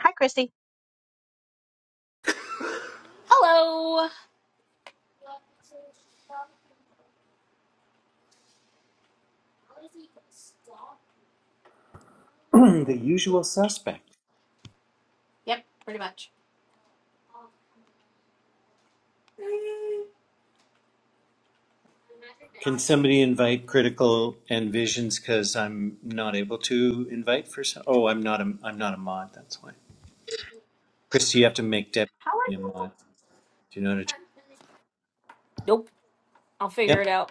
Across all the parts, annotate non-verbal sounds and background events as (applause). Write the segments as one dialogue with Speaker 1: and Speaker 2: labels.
Speaker 1: Hi, Christy.
Speaker 2: Hello.
Speaker 3: (clears throat) the usual suspect.
Speaker 2: Yep, pretty much.
Speaker 3: Can somebody invite critical and visions? Because I'm not able to invite for some. Oh, I'm not a I'm not a mod. That's why. Chris, you have to make Debbie
Speaker 2: How are
Speaker 3: a mod. Do you know what? I
Speaker 2: I'll figure
Speaker 3: Yep.
Speaker 2: it out.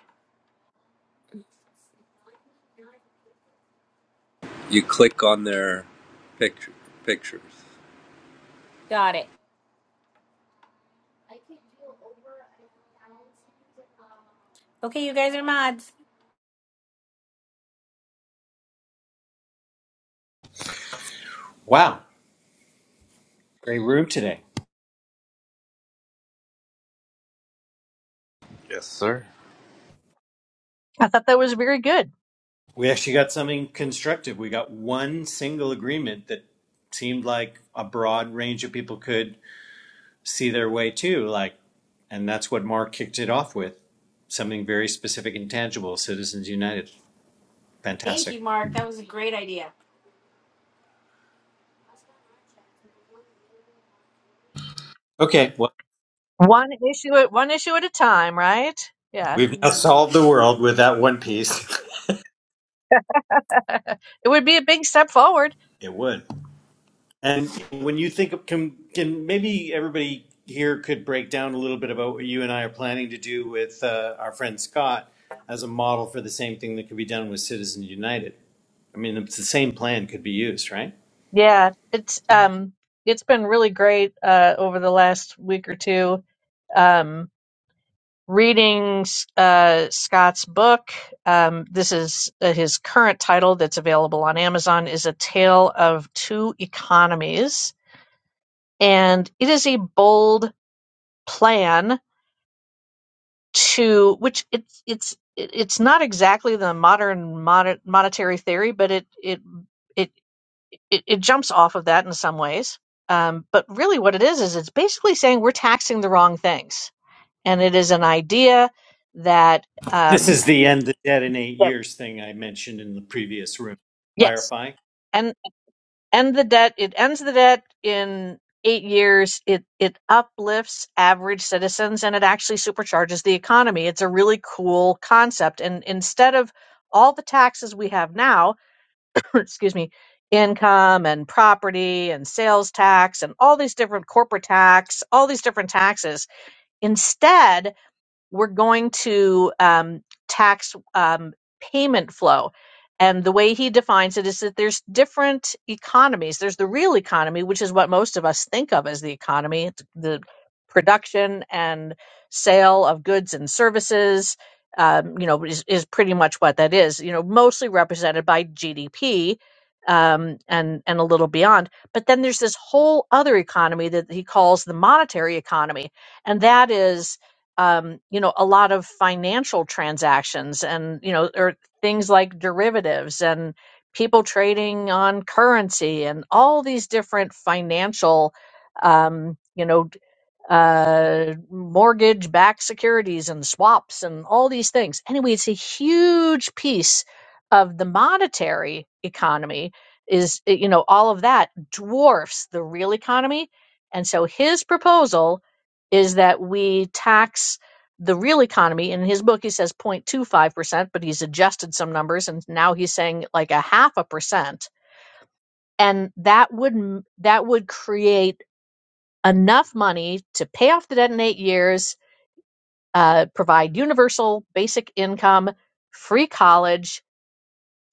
Speaker 4: You click on their picture, pictures.
Speaker 2: Got it. Okay, you guys are mods.
Speaker 3: Wow. Great room today.
Speaker 4: Yes, sir.
Speaker 1: I thought that was very good.
Speaker 3: We actually got something constructive. We got one single agreement that seemed like a broad range of people could see their way to. Like, and that's what Mark kicked it off with. Something very specific and tangible. Citizens United.
Speaker 2: Thank
Speaker 3: Fantastic.
Speaker 2: you, Mark. That was a great idea.
Speaker 3: Okay. Well.
Speaker 1: One issue at one issue at a time, right? Yeah,
Speaker 3: We've now solved the world with that one piece. (laughs)
Speaker 1: (laughs) it would be a big step forward.
Speaker 3: It would. And when you think of, can, can maybe everybody here could break down a little bit about what you and I are planning to do with uh, our friend Scott as a model for the same thing that could be done with Citizens United. I mean, it's the same plan could be used, right?
Speaker 1: Yeah, it's um, it's been really great uh, over the last week or two. Um, reading uh, Scott's book. Um, this is uh, his current title that's available on Amazon. Is a tale of two economies, and it is a bold plan to which it's it's it- it's not exactly the modern mon- monetary theory, but it it it it, it jumps off of that in some ways. Um, but really, what it is is it's basically saying we're taxing the wrong things, and it is an idea that
Speaker 3: This
Speaker 1: um,
Speaker 3: is the end the debt in eight
Speaker 1: that
Speaker 3: years thing I mentioned in the previous room.
Speaker 1: yes,
Speaker 3: Clarify.
Speaker 1: end the debt it ends the debt in eight years it it uplifts average citizens and it actually supercharges the economy it's a really cool concept and instead of all the taxes we have now (clears throat) excuse me income and property and sales tax and all these different corporate tax all these different taxes instead we're going to um, tax um, payment flow. And the way he defines it is that there's different economies. There's the real economy, which is what most of us think of as the economy, the production and sale of goods and services. Um, you know, is, is pretty much what that is. You know, mostly represented by GDP um, and and a little beyond. But then there's this whole other economy that he calls the monetary economy, and that is um, you know, a lot of financial transactions and, you know, or things like derivatives and people trading on currency and all these different financial, um, you know, uh, mortgage backed securities and swaps and all these things. Anyway, it's a huge piece of the monetary economy is eh, you know all of that dwarfs the real economy and so his proposal is that we tax the real economy in his book he says 0.25% but he's adjusted some numbers and now he's saying like a half a percent and that would m- that would create enough money to pay off the debt in eight years, uh, provide universal basic income, free college,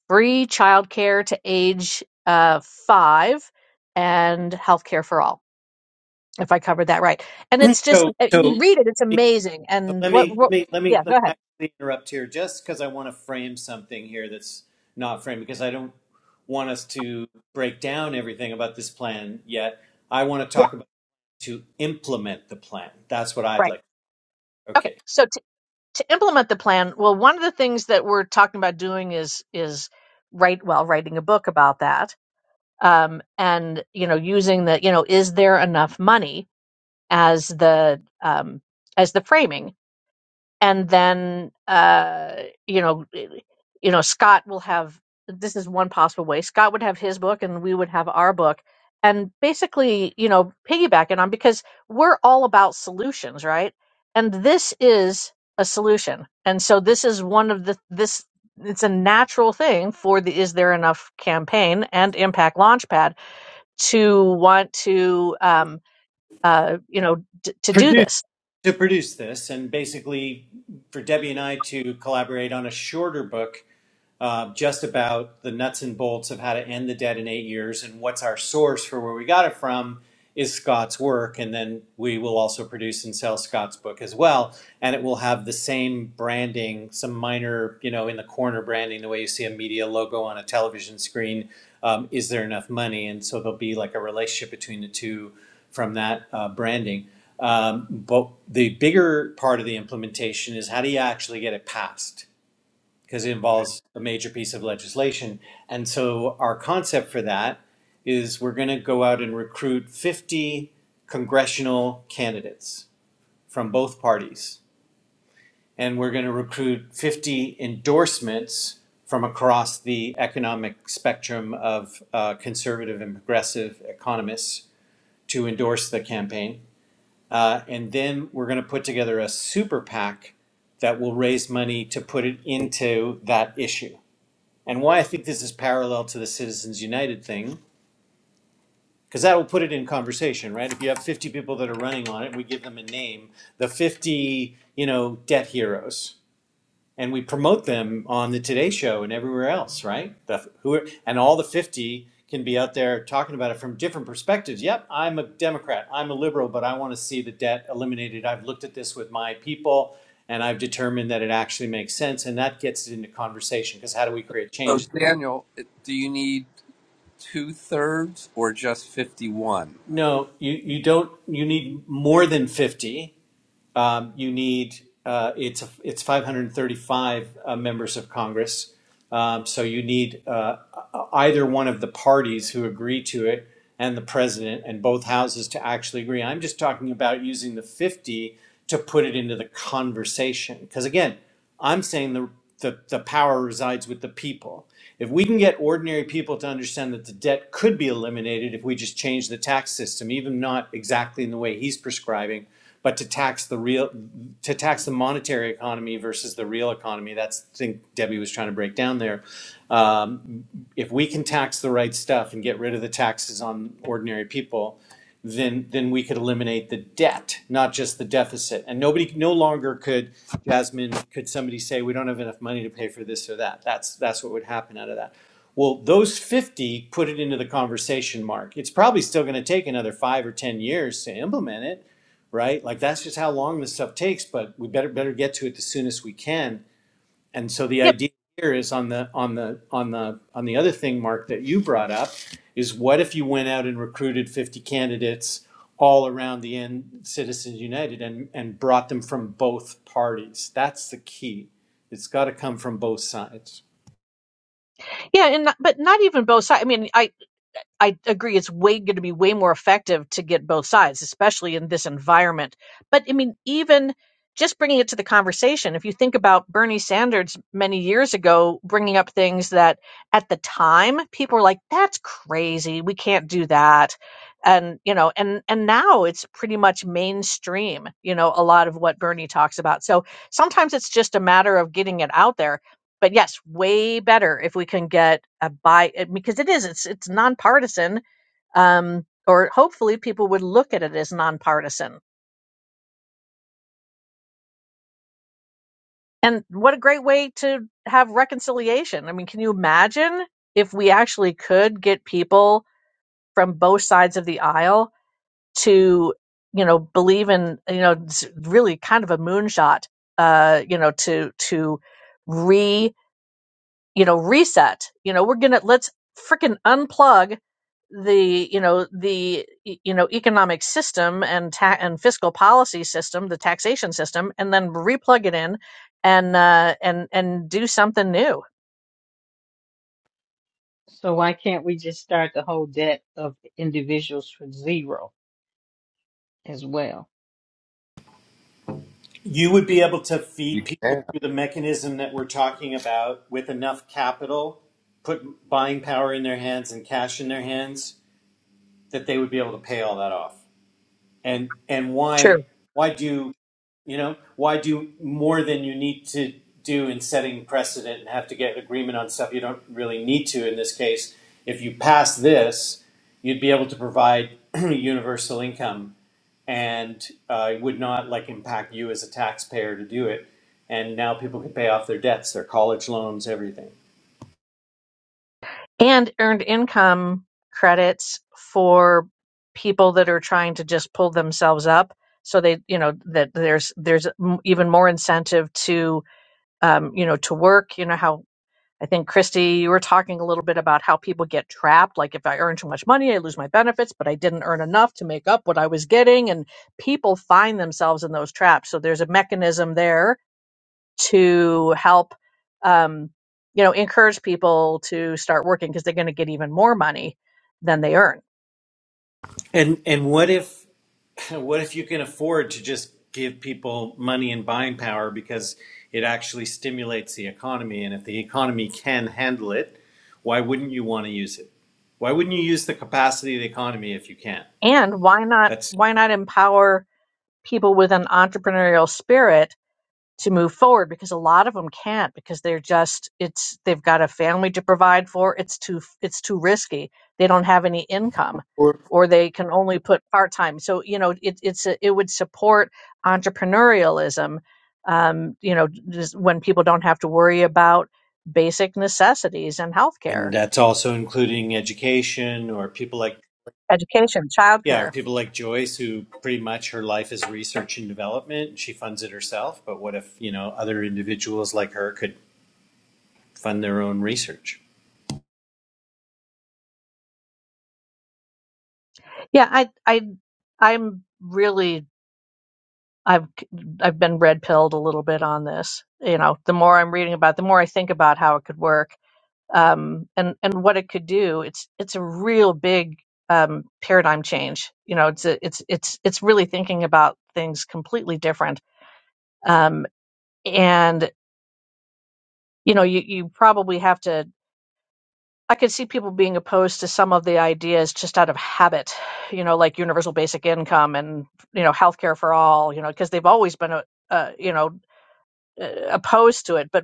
Speaker 1: free childcare to age uh, five, and health care for all. If I covered that right, and it's just
Speaker 3: So,
Speaker 1: uh,
Speaker 3: so
Speaker 1: you read it, it's
Speaker 3: let
Speaker 1: amazing.
Speaker 3: So
Speaker 1: And
Speaker 3: let
Speaker 1: what,
Speaker 3: me let
Speaker 1: what?
Speaker 3: me let me
Speaker 1: Yeah,
Speaker 3: let
Speaker 1: go
Speaker 3: me
Speaker 1: ahead.
Speaker 3: actually interrupt here, just because I want to frame something here that's not framed, because I don't want us to break down everything about this plan yet. I want to
Speaker 1: Yeah,
Speaker 3: talk about to implement the plan. That's what I'd
Speaker 1: right.
Speaker 3: like.
Speaker 1: Okay,
Speaker 3: Okay,
Speaker 1: so to to implement the plan, well, one of the things that we're talking about doing is is write well writing a book about that um, and you know using the you know is there enough money as the um, as the framing and then uh, you know you know Scott will have this is one possible way Scott would have his book and we would have our book and basically you know piggybacking on because we're all about solutions right and this is a solution and so this is one of the this it's a natural thing for the is there enough campaign and impact launchpad to want to um, uh, you know d- to do
Speaker 3: produce
Speaker 1: this.
Speaker 3: to produce this, and basically for Debbie and I to collaborate on a shorter book uh, just about the nuts and bolts of how to end the debt in eight years and what's our source for where we got it from is Scott's work. And then we will also produce and sell Scott's book as well. And it will have the same branding, some minor, you know, in the corner branding, the way you see a media logo on a television screen. Um, is there enough money? And so there'll be like a relationship between the two from that uh, branding. Um, but the bigger part of the implementation is how do you actually get it passed? because it involves a major piece of legislation. And so our concept for that is we're going to go out and recruit 50 congressional candidates from both parties. And we're going to recruit 50 endorsements from across the economic spectrum of uh, conservative and progressive economists to endorse the campaign. Uh, and then we're going to put together a super PAC that will raise money to put it into that issue and why I think this is parallel to the Citizens United thing, because that will put it in conversation, right? If you have 50 people that are running on it, we give them a name, the 50, you know, debt heroes, and we promote them on the Today Show and everywhere else, right? The, who are, and all the 50 can be out there talking about it from different perspectives. Yep, I'm a Democrat, I'm a liberal, but I want to see the debt eliminated. I've looked at this with my people. And I've determined that it actually makes sense, and that gets it into conversation. Because how do we create
Speaker 4: So,
Speaker 3: change
Speaker 4: Daniel, do you need two thirds or just 51?
Speaker 3: No, you, you don't. You need more than fifty. Um, you need uh, it's it's 535 uh, members of Congress. Um, so you need uh, either one of the parties who agree to it and the president and both houses to actually agree. I'm just talking about using the 50 to put it into the conversation because again. I'm saying the, the, the power resides with the people. If we can get ordinary people to understand that the debt could be eliminated if we just change the tax system, even not exactly in the way he's prescribing, but to tax the real, to tax the monetary economy versus the real economy. That's the thing Debbie was trying to break down there. Um, if we can tax the right stuff and get rid of the taxes on ordinary people, then then we could eliminate the debt, not just the deficit. And nobody no longer could Jasmine, could somebody say we don't have enough money to pay for this or that? That's that's what would happen out of that. Well, those 50 put it into the conversation mark. It's probably still going to take another 5 or 10 years to implement it, right? Like that's just how long this stuff takes, but we better better get to it the soonest we can and so the
Speaker 1: Yep,
Speaker 3: idea here is on the on the on the on the other thing, Mark, that you brought up is what if you went out and recruited 50 candidates all around the end Citizens United and, and brought them from both parties? That's the key. It's got to come from both sides.
Speaker 1: yeah, and not, but not even both sides. I mean, I I agree. It's way going to be way more effective to get both sides, especially in this environment. But I mean, even just bringing it to the conversation, if you think about Bernie Sanders many years ago bringing up things that at the time people were like, "That's crazy. We can't do that," and you know, and and now it's pretty much mainstream. You know, a lot of what Bernie talks about. So sometimes it's just a matter of getting it out there but yes, way better if we can get a buy eh, because it is it's it's nonpartisan. Um, or hopefully people would look at it as nonpartisan. And what a great way to have reconciliation. I mean, can you imagine if we actually could get people from both sides of the aisle to, you know, believe in, you know, it's really kind of a moonshot, uh, you know, to to re. you know reset you know we're gonna let's freaking unplug the you know the e- you know economic system and ta- and fiscal policy system the taxation system and then replug it in and uh and and do something new
Speaker 5: So why can't we just start the whole debt of individuals from zero as well?
Speaker 3: You would be able to
Speaker 4: You,
Speaker 3: feed
Speaker 4: can-
Speaker 3: people through the mechanism that we're talking about with enough capital, put buying power in their hands and cash in their hands, that they would be able to pay all that off. And and why
Speaker 1: True.
Speaker 3: why do You know, why do more than you need to do in setting precedent and have to get agreement on stuff you don't really need to in this case? If you pass this, you'd be able to provide (clears throat) universal income and uh, it would not like impact you as a taxpayer to do it. And now people can pay off their debts, their college loans, everything.
Speaker 1: and earned income credits for people that are trying to just pull themselves up so they you know that there's there's m- even more incentive to um, you know to work you know how I think, Christy, you were talking a little bit about how people get trapped. Like, if I earn too much money, I lose my benefits, but I didn't earn enough to make up what I was getting. And people find themselves in those traps. So, there's a mechanism there to help, um, you know, encourage people to start working because they're going to get even more money than they earn.
Speaker 3: And and what if (laughs) what if you can afford to just give people money and buying power because it actually stimulates the economy and if the economy can handle it, why wouldn't you want to use it? Why wouldn't you use the capacity of the economy if you can?
Speaker 1: And why not?
Speaker 3: That's
Speaker 1: Why not empower people with an entrepreneurial spirit to move forward because a lot of them can't because they're just it's they've got a family to provide for it's too it's too risky they don't have any income or they can only put part time so you know it, it's a, it would support entrepreneurialism um, you know just when people don't have to worry about basic necessities and healthcare
Speaker 3: and that's also including education or people like
Speaker 1: education
Speaker 3: yeah, or
Speaker 1: childcare
Speaker 3: people like Joyce who pretty much her life is research and development and she funds it herself, but what if, you know, other individuals like her could fund their own research?
Speaker 1: yeah i i i'm really I've I've been red pilled a little bit on this. You know, the more I'm reading about, it, the more I think about how it could work um, and and what it could do. It's it's a real big um, paradigm change. You know, it's a, it's it's it's really thinking about things completely different. Um, and you know, you you probably have to. I could see people being opposed to some of the ideas just out of habit, you know, like universal basic income and you know healthcare for all, you know, because they've always been a, uh, you know uh, opposed to it. But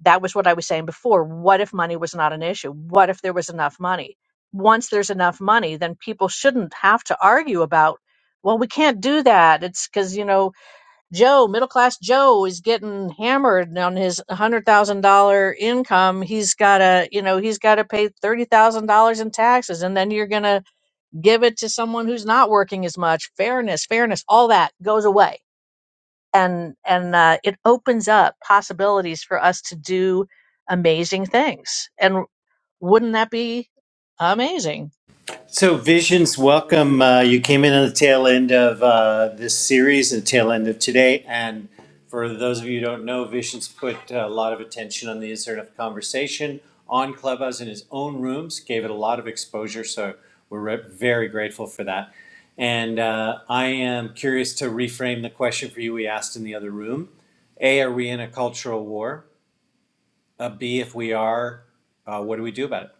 Speaker 1: That was what I was saying before. What if money was not an issue? What if there was enough money? Once there's enough money, then people shouldn't have to argue about, well, we can't do that. It's because, you know, Joe, middle class Joe, is getting hammered on his $100,000 income. He's got to, you know, he's got to pay $30,000 in taxes. And then you're going to give it to someone who's not working as much. Fairness, fairness, all that goes away and and uh, it opens up possibilities for us to do amazing things. And wouldn't that be amazing?
Speaker 3: So, Visions, welcome. Uh, you came in on the tail end of uh, this series and tail end of today. And for those of you who don't know, Visions put a lot of attention on the insert of conversation on Clubhouse in his own rooms, gave it a lot of exposure. So, we're re- very grateful for that. And uh, I am curious to reframe the question for you we asked in the other room A, are we in a cultural war? Uh, B, if we are, uh, what do we do about it?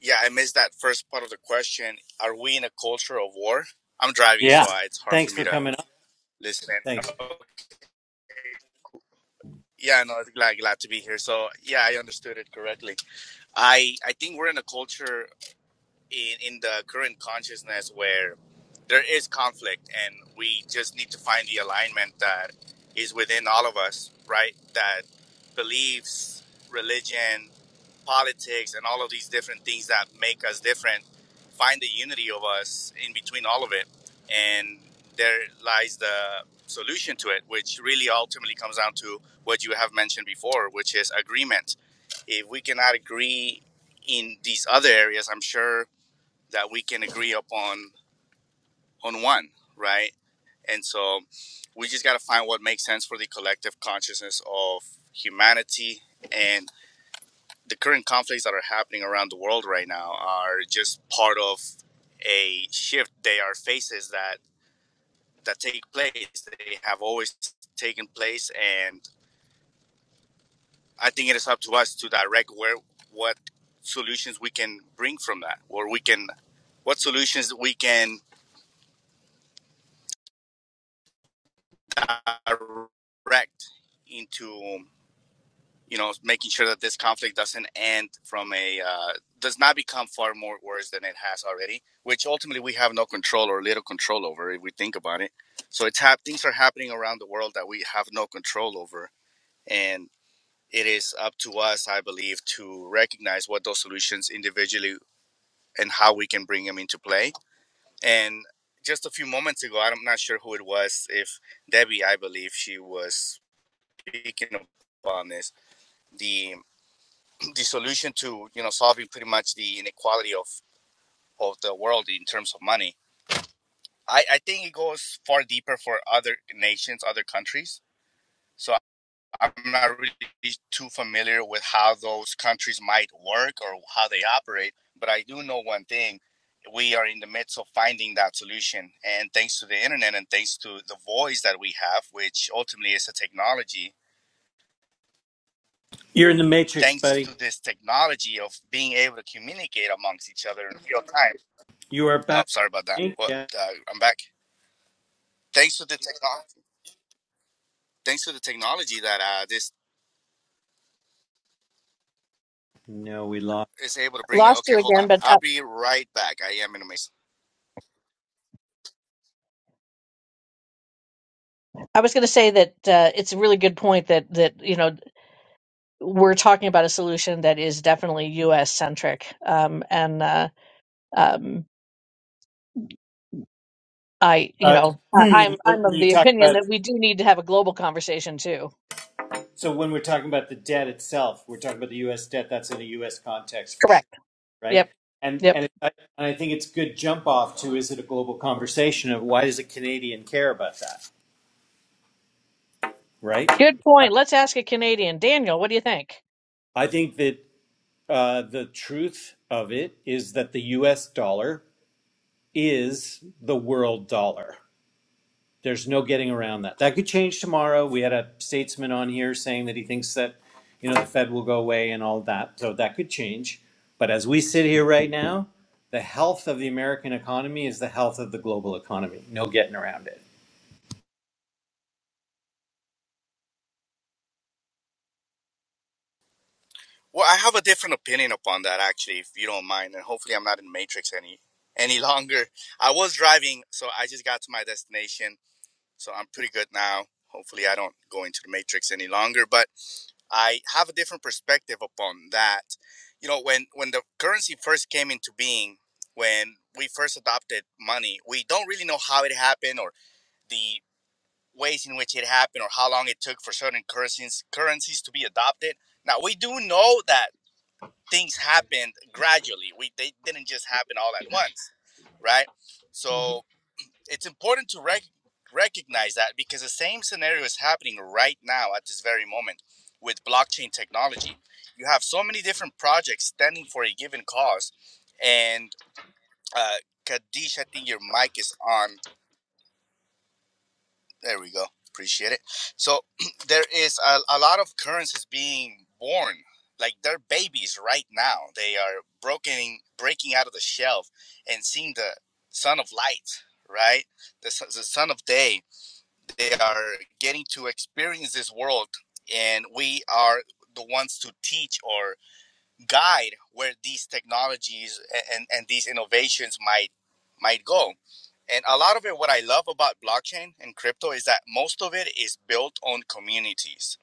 Speaker 6: Yeah, I missed that first part of the question. Are we in a culture of war? I'm driving,
Speaker 3: Yeah.
Speaker 6: so I, it's hard for
Speaker 3: Thanks
Speaker 6: me
Speaker 3: for
Speaker 6: to
Speaker 3: coming up.
Speaker 6: listen. in.
Speaker 3: Thanks.
Speaker 6: Yeah, no, it's glad glad to be here. So yeah, I understood it correctly. I I think we're in a culture in in the current consciousness where there is conflict, and we just need to find the alignment that is within all of us, right? That beliefs, religion, politics and all of these different things that make us different find the unity of us in between all of it and there lies the solution to it which really ultimately comes down to what you have mentioned before which is agreement if we cannot agree in these other areas i'm sure that we can agree upon on one right and so we just got to find what makes sense for the collective consciousness of humanity and the current conflicts that are happening around the world right now are just part of a shift. They are phases that that take place. They have always taken place, and I think it is up to us to direct where what solutions we can bring from that, or we can what solutions we can direct into you know, making sure that this conflict doesn't end from a uh, does not become far more worse than it has already, which ultimately we have no control or little control over if we think about it. So it's hap- things are happening around the world that we have no control over, and it is up to us, I believe, to recognize what those solutions individually and how we can bring them into play. And just a few moments ago, I'm not sure who it was, if Debbie, I believe she was speaking upon this. The the solution to you know solving pretty much the inequality of of the world in terms of money. I, I think it goes far deeper for other nations, other countries. So I'm not really too familiar with how those countries might work or how they operate, but I do know one thing. We are in the midst of finding that solution. And thanks to the internet and thanks to the voice that we have, which ultimately is a technology,
Speaker 3: You're in the matrix,
Speaker 6: thanks
Speaker 3: buddy.
Speaker 6: to this technology of being able to communicate amongst each other in real time
Speaker 3: You are
Speaker 6: Oh,
Speaker 3: back.
Speaker 6: sorry about
Speaker 3: I
Speaker 6: that.
Speaker 3: think.
Speaker 6: What?
Speaker 3: Yeah.
Speaker 6: Uh, I'm back. Thanks to the technology. Thanks to the technology that uh, this
Speaker 3: No, we lost.
Speaker 6: is able to bring. it.
Speaker 1: Lost
Speaker 6: Okay,
Speaker 1: you
Speaker 6: hold on.
Speaker 1: again, but
Speaker 6: I'll
Speaker 1: uh,
Speaker 6: be right back. I am in a matrix.
Speaker 1: I was going to say that uh, it's a really good point that that you know we're talking about a solution that is definitely U.S. centric, um, and uh, um, I you
Speaker 3: Uh,
Speaker 1: know
Speaker 3: (clears throat)
Speaker 1: I- I'm
Speaker 3: when
Speaker 1: I'm of
Speaker 3: you
Speaker 1: the
Speaker 3: talk
Speaker 1: opinion
Speaker 3: about
Speaker 1: that we do need to have a global conversation too.
Speaker 3: so when we're talking about the debt itself, we're talking about the U.S. debt. That's in a U.S. context for sure,
Speaker 1: Correct.
Speaker 3: right?
Speaker 1: Yep.
Speaker 3: And
Speaker 1: Yep.
Speaker 3: and it, and I think it's good jump off to is it a global conversation of why does a Canadian care about that, right?
Speaker 1: Good point. Let's ask a Canadian, Daniel. What do you think?
Speaker 3: I think that uh, the truth of it is that the U.S. dollar is the world dollar There's no getting around that. That could change tomorrow. We had a statesman on here saying that he thinks that, you know, the Fed will go away and all that. So that could change. But as we sit here right now, the health of the American economy is the health of the global economy. No getting around it.
Speaker 6: Well, I have a different opinion upon that actually, if you don't mind, and hopefully I'm not in matrix any any (laughs) longer. I was driving, so I just got to my destination, so I'm pretty good now. Hopefully I don't go into the matrix any longer, but. I have a different perspective upon that. You know, when when the currency first came into being, when we first adopted money, we don't really know how it happened or the ways in which it happened or how long it took for certain currencies currencies to be adopted. Now we do know that things happened gradually. We they didn't just happen all at once, right? So
Speaker 5: Mhm.
Speaker 6: it's important to rec- recognize that because the same scenario is happening right now at this very moment with blockchain technology. You have so many different projects standing for a given cause. And uh, Kadish, I think your mic is on. There we go. Appreciate it. So (clears throat) there is a, a lot of currencies being born. Like they're babies right now. They are broken, breaking out of the shelf and seeing the sun of light, right? The, su- the sun of day they are getting to experience this world and we are the ones to teach or guide where these technologies and, and these innovations might might go and a lot of it what i love about blockchain and crypto is that most of it is built on communities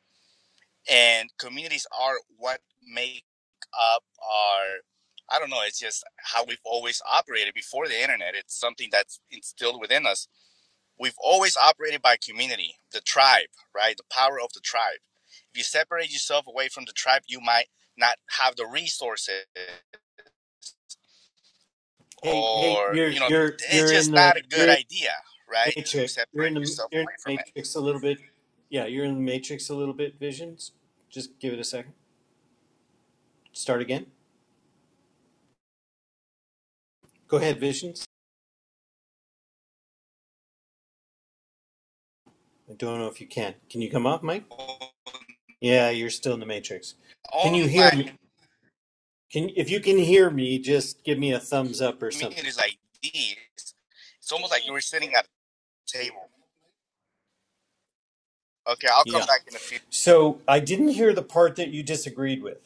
Speaker 6: and communities are what make up our i don't know it's just how we've always operated before the internet it's something that's instilled within us we've always operated by community, the tribe, right? The power of the tribe. If you separate yourself away from the tribe, you might not have the resources,
Speaker 3: Hey, hey,
Speaker 6: or
Speaker 3: you're
Speaker 6: you know,
Speaker 3: you're
Speaker 6: it's
Speaker 3: you're in
Speaker 6: just
Speaker 3: the
Speaker 6: not a good
Speaker 3: you're in
Speaker 6: idea,
Speaker 3: the
Speaker 6: right? To
Speaker 3: matrix. You're in
Speaker 6: separate
Speaker 3: the
Speaker 6: yourself
Speaker 3: you're in
Speaker 6: away
Speaker 3: the
Speaker 6: from it.
Speaker 3: matrix a little bit. Yeah, you're in the matrix a little bit. Visions. Just give it a second. Start again. Go ahead, Visions. I don't know if you can. Can you come up, Mike? Yeah, you're still in the matrix. Can you hear
Speaker 6: Online
Speaker 3: me? Can if you can hear me, just give me a thumbs up or something.
Speaker 6: communities like these, it's almost like you were sitting at a table. Okay, I'll come
Speaker 3: Yeah.
Speaker 6: back in a few.
Speaker 3: So I didn't hear the part that you disagreed with.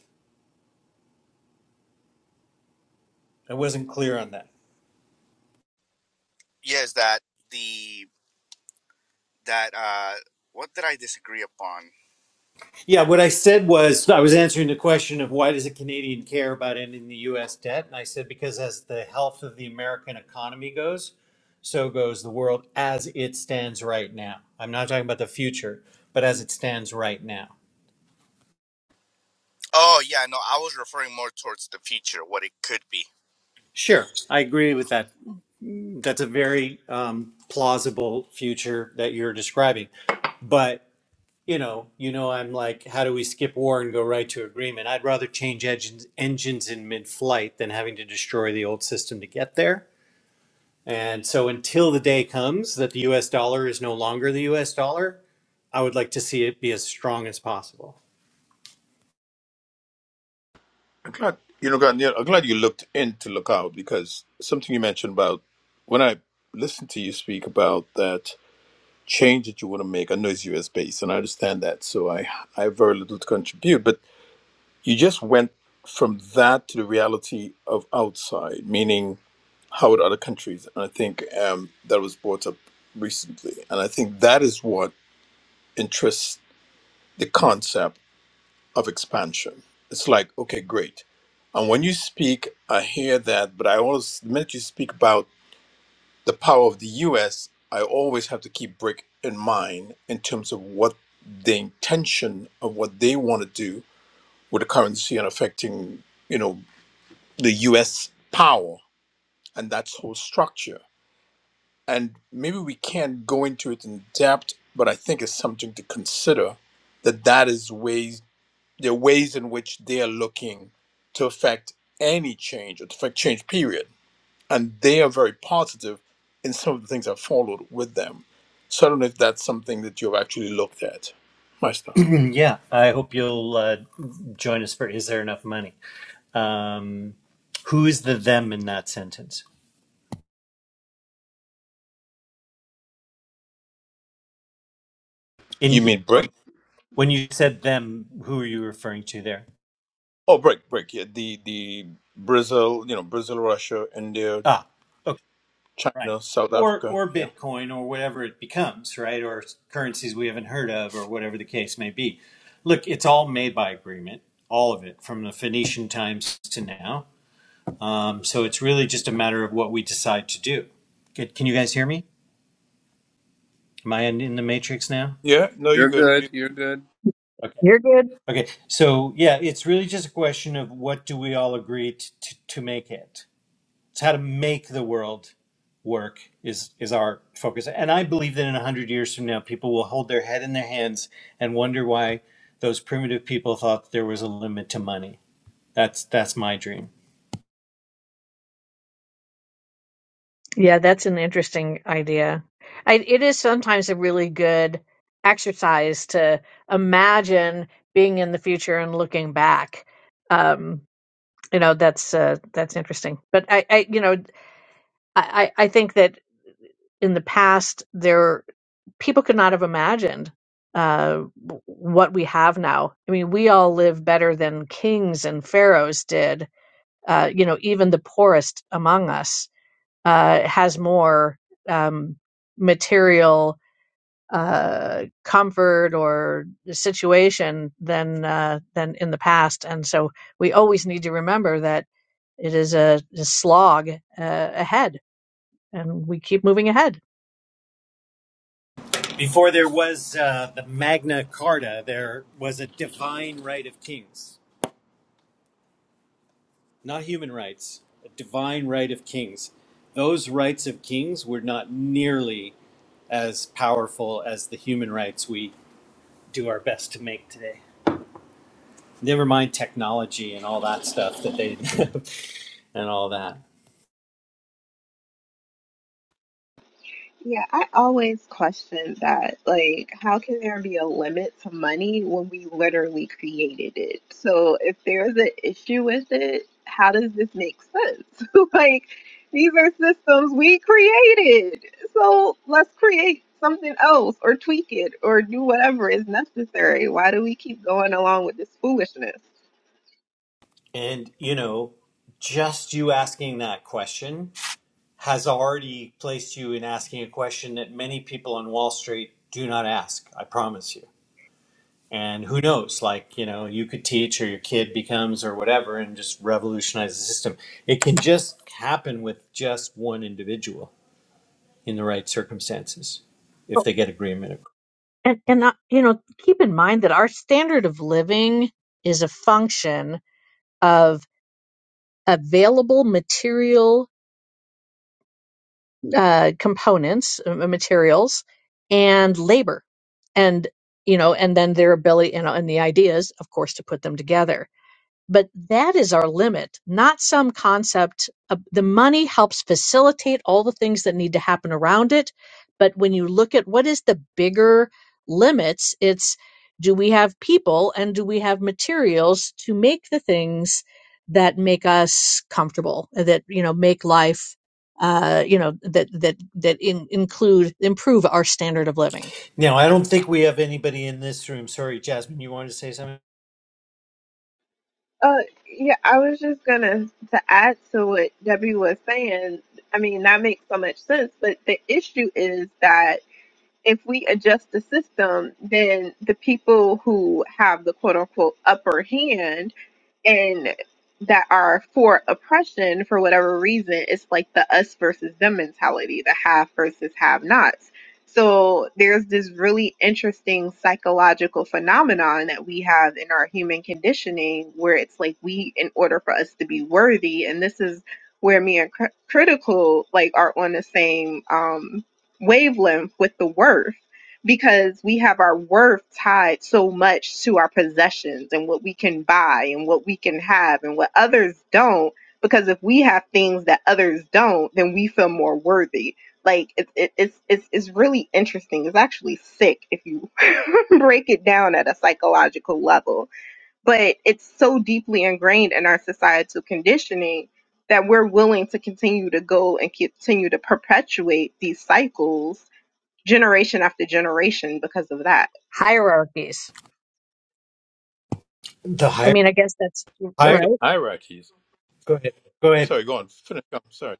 Speaker 3: I wasn't clear on that.
Speaker 6: Yes, that the that uh, what did I disagree upon?
Speaker 3: Yeah, what I said was I was answering the question of why does a Canadian care about ending the US debt? And I said because as the health of the American economy goes, so goes the world as it stands right now. I'm not talking about the future, but as it stands right now.
Speaker 6: Oh yeah, no, I was referring more towards the future, what it could be.
Speaker 3: Sure, I agree with that. That's a very um, plausible future that you're describing. But you know, you know, I'm like, how do we skip war and go right to agreement? I'd rather change engines engines in mid-flight than having to destroy the old system to get there. And so, until the day comes that the U.S. dollar is no longer the U.S. dollar, I would like to see it be as strong as possible.
Speaker 7: I'm glad you know, Garnier, I'm glad you looked in to look out because something you mentioned about when I listened to you speak about that change that you want to make. I know it's US based, and I understand that, so I I have very little to contribute. But you just went from that to the reality of outside, meaning how would other countries? And I think um, that was brought up recently, and I think that is what interests the concept of expansion. It's like, okay, great. And when you speak, I hear that, but I always, the minute you speak about the power of the US, I always have to keep Brick in mind in terms of what the intention of what they want to do with the currency and affecting, you know, the US power and that whole structure. And maybe we can't go into it in depth, but I think it's something to consider that that is ways the ways in which they are looking to affect any change or to affect change period and they are very positive in some of the things I've followed with them so i don't know if that's something that you've actually looked at my stuff
Speaker 3: (clears throat) yeah, I hope you'll uh, join us for "Is There Enough Money." Um, who is the them in that sentence? In
Speaker 7: you mean bric
Speaker 3: when you said them, who are you referring to there?
Speaker 7: oh bric bric yeah the the brazil you know brazil russia india
Speaker 3: Ah, okay, right.
Speaker 7: china south
Speaker 3: Or
Speaker 7: africa
Speaker 3: or
Speaker 7: yeah
Speaker 3: Bitcoin or whatever it becomes, right? Or currencies we haven't heard of, or whatever the case may be. Look, it's all made by agreement, all of it, from the Phoenician times to now. Um, so it's really just a matter of what we decide to do. Good. Can you guys hear me? Am I in, in the matrix now?
Speaker 7: yeah no you're
Speaker 4: you're
Speaker 7: good you
Speaker 4: good. You're good.
Speaker 3: Okay.
Speaker 1: You're good.
Speaker 3: Okay, so yeah, it's really just a question of what do we all agree to, to, to make it. It's how to make the world work is is our focus, and I believe that in a hundred years from now, people will hold their head in their hands and wonder why those primitive people thought there was a limit to money. That's that's my dream.
Speaker 1: Yeah, that's an interesting idea. I, it is sometimes a really good exercise to imagine being in the future and looking back. Um, you know, that's uh, that's interesting. But I, I you know, I, I I think that in the past there people could not have imagined uh, w- what we have now. I mean, we all live better than kings and pharaohs did. Uh, you know, even the poorest among us uh, has more um, material uh, comfort or situation than uh, than in the past, and so we always need to remember that it is a, a slog uh, ahead, and we keep moving ahead.
Speaker 3: Before there was uh, the Magna Carta, there was a divine right of kings, not human rights, a divine right of kings. Those rights of kings were not nearly as powerful as the human rights we do our best to make today. Never mind technology and all that stuff that they (laughs) and all that.
Speaker 8: Yeah, I always question that. Like, how can there be a limit to money when we literally created it? So, if there's an issue with it, how does this make sense? (laughs) Like, these are systems we created. So, let's create something else or tweak it or do whatever is necessary. Why do we keep going along with this foolishness?
Speaker 3: And you know, just you asking that question has already placed you in asking a question that many people on Wall Street do not ask, I promise you. And who knows, like, you know, you could teach or your kid becomes or whatever and just revolutionize the system. It can just happen with just one individual. in the right circumstances if
Speaker 1: Oh,
Speaker 3: they get agreement.
Speaker 1: And and uh, you know, keep in mind that our standard of living is a function of available material uh, components, uh, materials, and labor, and you know, and then their ability and, and the ideas, of course, to put them together but that is our limit, not some concept. of- The money helps facilitate all the things that need to happen around it. But when you look at what is the bigger limits, it's do we have people and do we have materials to make the things that make us comfortable, that, you know, make life, uh, you know, that, that, that in, include, improve our standard of living.
Speaker 3: Now, I don't think we have anybody in this room. Sorry, Jasmine, you wanted to say something?
Speaker 8: Uh, yeah, I was just gonna to add to what Debbie was saying. I mean, that makes so much sense, but the issue is that if we adjust the system, then the people who have the quote unquote upper hand and that are for oppression for whatever reason, it's like the us versus them mentality, the have versus have nots. So there's this really interesting psychological phenomenon that we have in our human conditioning where it's like we, in order for us to be worthy, and this is where me and cr- critical like are on the same um wavelength with the worth because we have our worth tied so much to our possessions and what we can buy and what we can have and what others don't because if we have things that others don't then we feel more worthy like it, it, it's, it's it's really interesting it's actually sick if you (laughs) break it down at a psychological level but it's so deeply ingrained in our societal conditioning that we're willing to continue to go and continue to perpetuate these cycles generation after generation because of that.
Speaker 1: Hierarchies.
Speaker 3: The
Speaker 1: I
Speaker 3: higher,
Speaker 1: mean, I guess that's
Speaker 7: not
Speaker 3: higher.
Speaker 7: just
Speaker 1: right.
Speaker 7: hierarchies
Speaker 3: Go ahead. Go ahead.
Speaker 7: sorry go on finish I'm Sorry.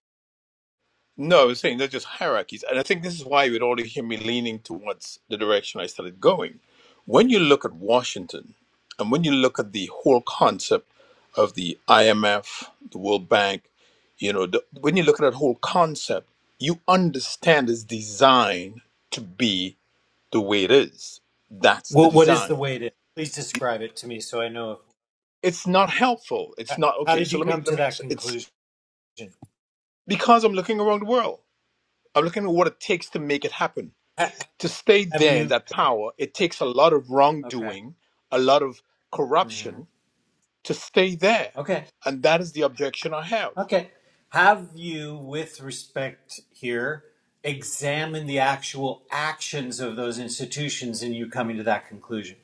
Speaker 7: No, I was saying they're just hierarchies. And I think this is why you would already hear me leaning towards the direction I started going. When you look at Washington and when you look at the whole concept of the IMF, the World Bank, you know, the, when you look at that whole concept, you understand it's designed to be the way it is. That's the
Speaker 3: What what is the
Speaker 7: design.
Speaker 3: way to? Please describe it to me so I know.
Speaker 7: It's not helpful. It's
Speaker 3: If,
Speaker 7: not
Speaker 3: how
Speaker 7: okay.
Speaker 3: did
Speaker 7: So
Speaker 3: you
Speaker 7: let me
Speaker 3: come
Speaker 7: let
Speaker 3: to
Speaker 7: me.
Speaker 3: that
Speaker 7: It's
Speaker 3: conclusion?
Speaker 7: because I'm looking around the world. I'm looking at what it takes to make it happen
Speaker 3: Ha-
Speaker 7: to stay
Speaker 3: Have
Speaker 7: there in
Speaker 3: you?
Speaker 7: that power, it takes a lot of
Speaker 3: Okay.
Speaker 7: wrongdoing, a lot of
Speaker 3: hmm
Speaker 7: corruption to stay there.
Speaker 3: Okay.
Speaker 7: And that is the objection I have.
Speaker 3: Okay. Have you, with respect here, examined the actual actions of those institutions in you coming to that conclusion?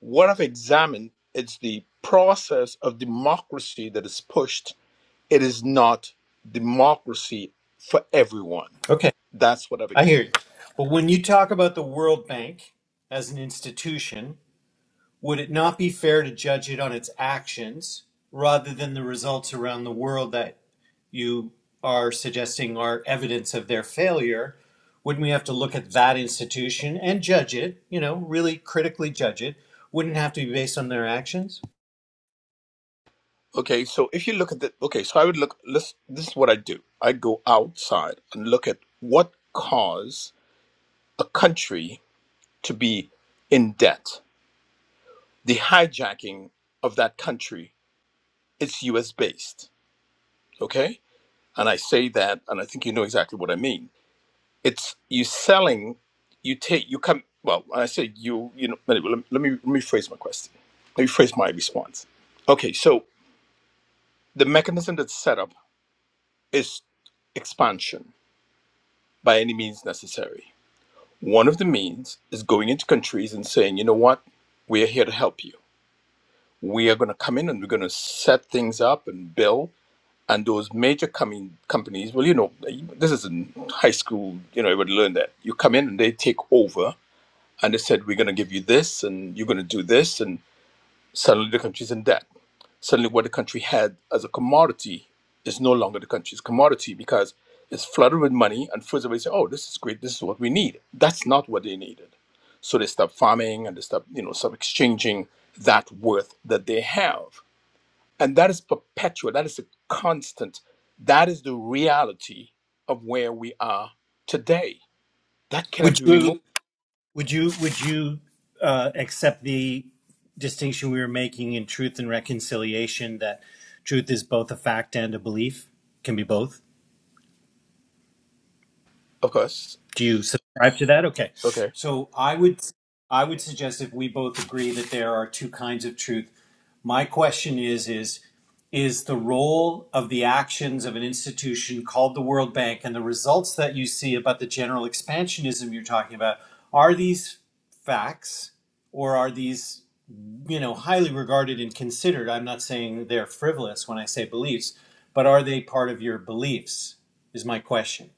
Speaker 7: What I've examined is the process of democracy that is pushed. It is not democracy for everyone.
Speaker 3: Okay.
Speaker 7: That's what I've
Speaker 3: I hear
Speaker 7: examined.
Speaker 3: you. But when you talk about the World Bank as an institution, would it not be fair to judge it on its actions rather than the results around the world that you are suggesting are evidence of their failure? Wouldn't we have to look at that institution and judge it, you know, really critically judge it? Wouldn't it have to be based on their actions?
Speaker 7: Okay, so if you look at the okay, so I would look let's this is what I do. I go outside and look at what caused a country to be in debt the hijacking of that country it's US based okay and I say that and I think you know exactly what I mean it's you selling you take you come well when I say you you know let, me let me phrase my question let me phrase my response okay so the mechanism that's set up is expansion by any means necessary one of the means is going into countries and saying you know what we are here to help you we are going to come in and we're going to set things up and build and those major coming companies well you know this is in high school you know i would learn that you come in and they take over and they said we're going to give you this and you're going to do this and suddenly the country's in debt suddenly what the country had as a commodity is no longer the country's commodity because it's flooded with money and first everybody say oh this is great this is what we need that's not what they needed so they stop farming and they stop you know stop exchanging that worth that they have and that is perpetual, that is a constant. That is the reality of where we are today. That cannot
Speaker 3: Would
Speaker 7: be
Speaker 3: you
Speaker 7: removed,
Speaker 3: Would you would you uh, accept the distinction we were making in truth and reconciliation that truth is both a fact and a belief? Can be both.
Speaker 7: of course.
Speaker 3: Do you subscribe to that? Okay.
Speaker 7: Okay.
Speaker 3: So I would I would suggest if we both agree that there are two kinds of truth. My question is is is the role of the actions of an institution called the World Bank and the results that you see about the general expansionism you're talking about are these facts or are these you know highly regarded and considered i'm not saying they're frivolous when i say beliefs but are they part of your beliefs is my question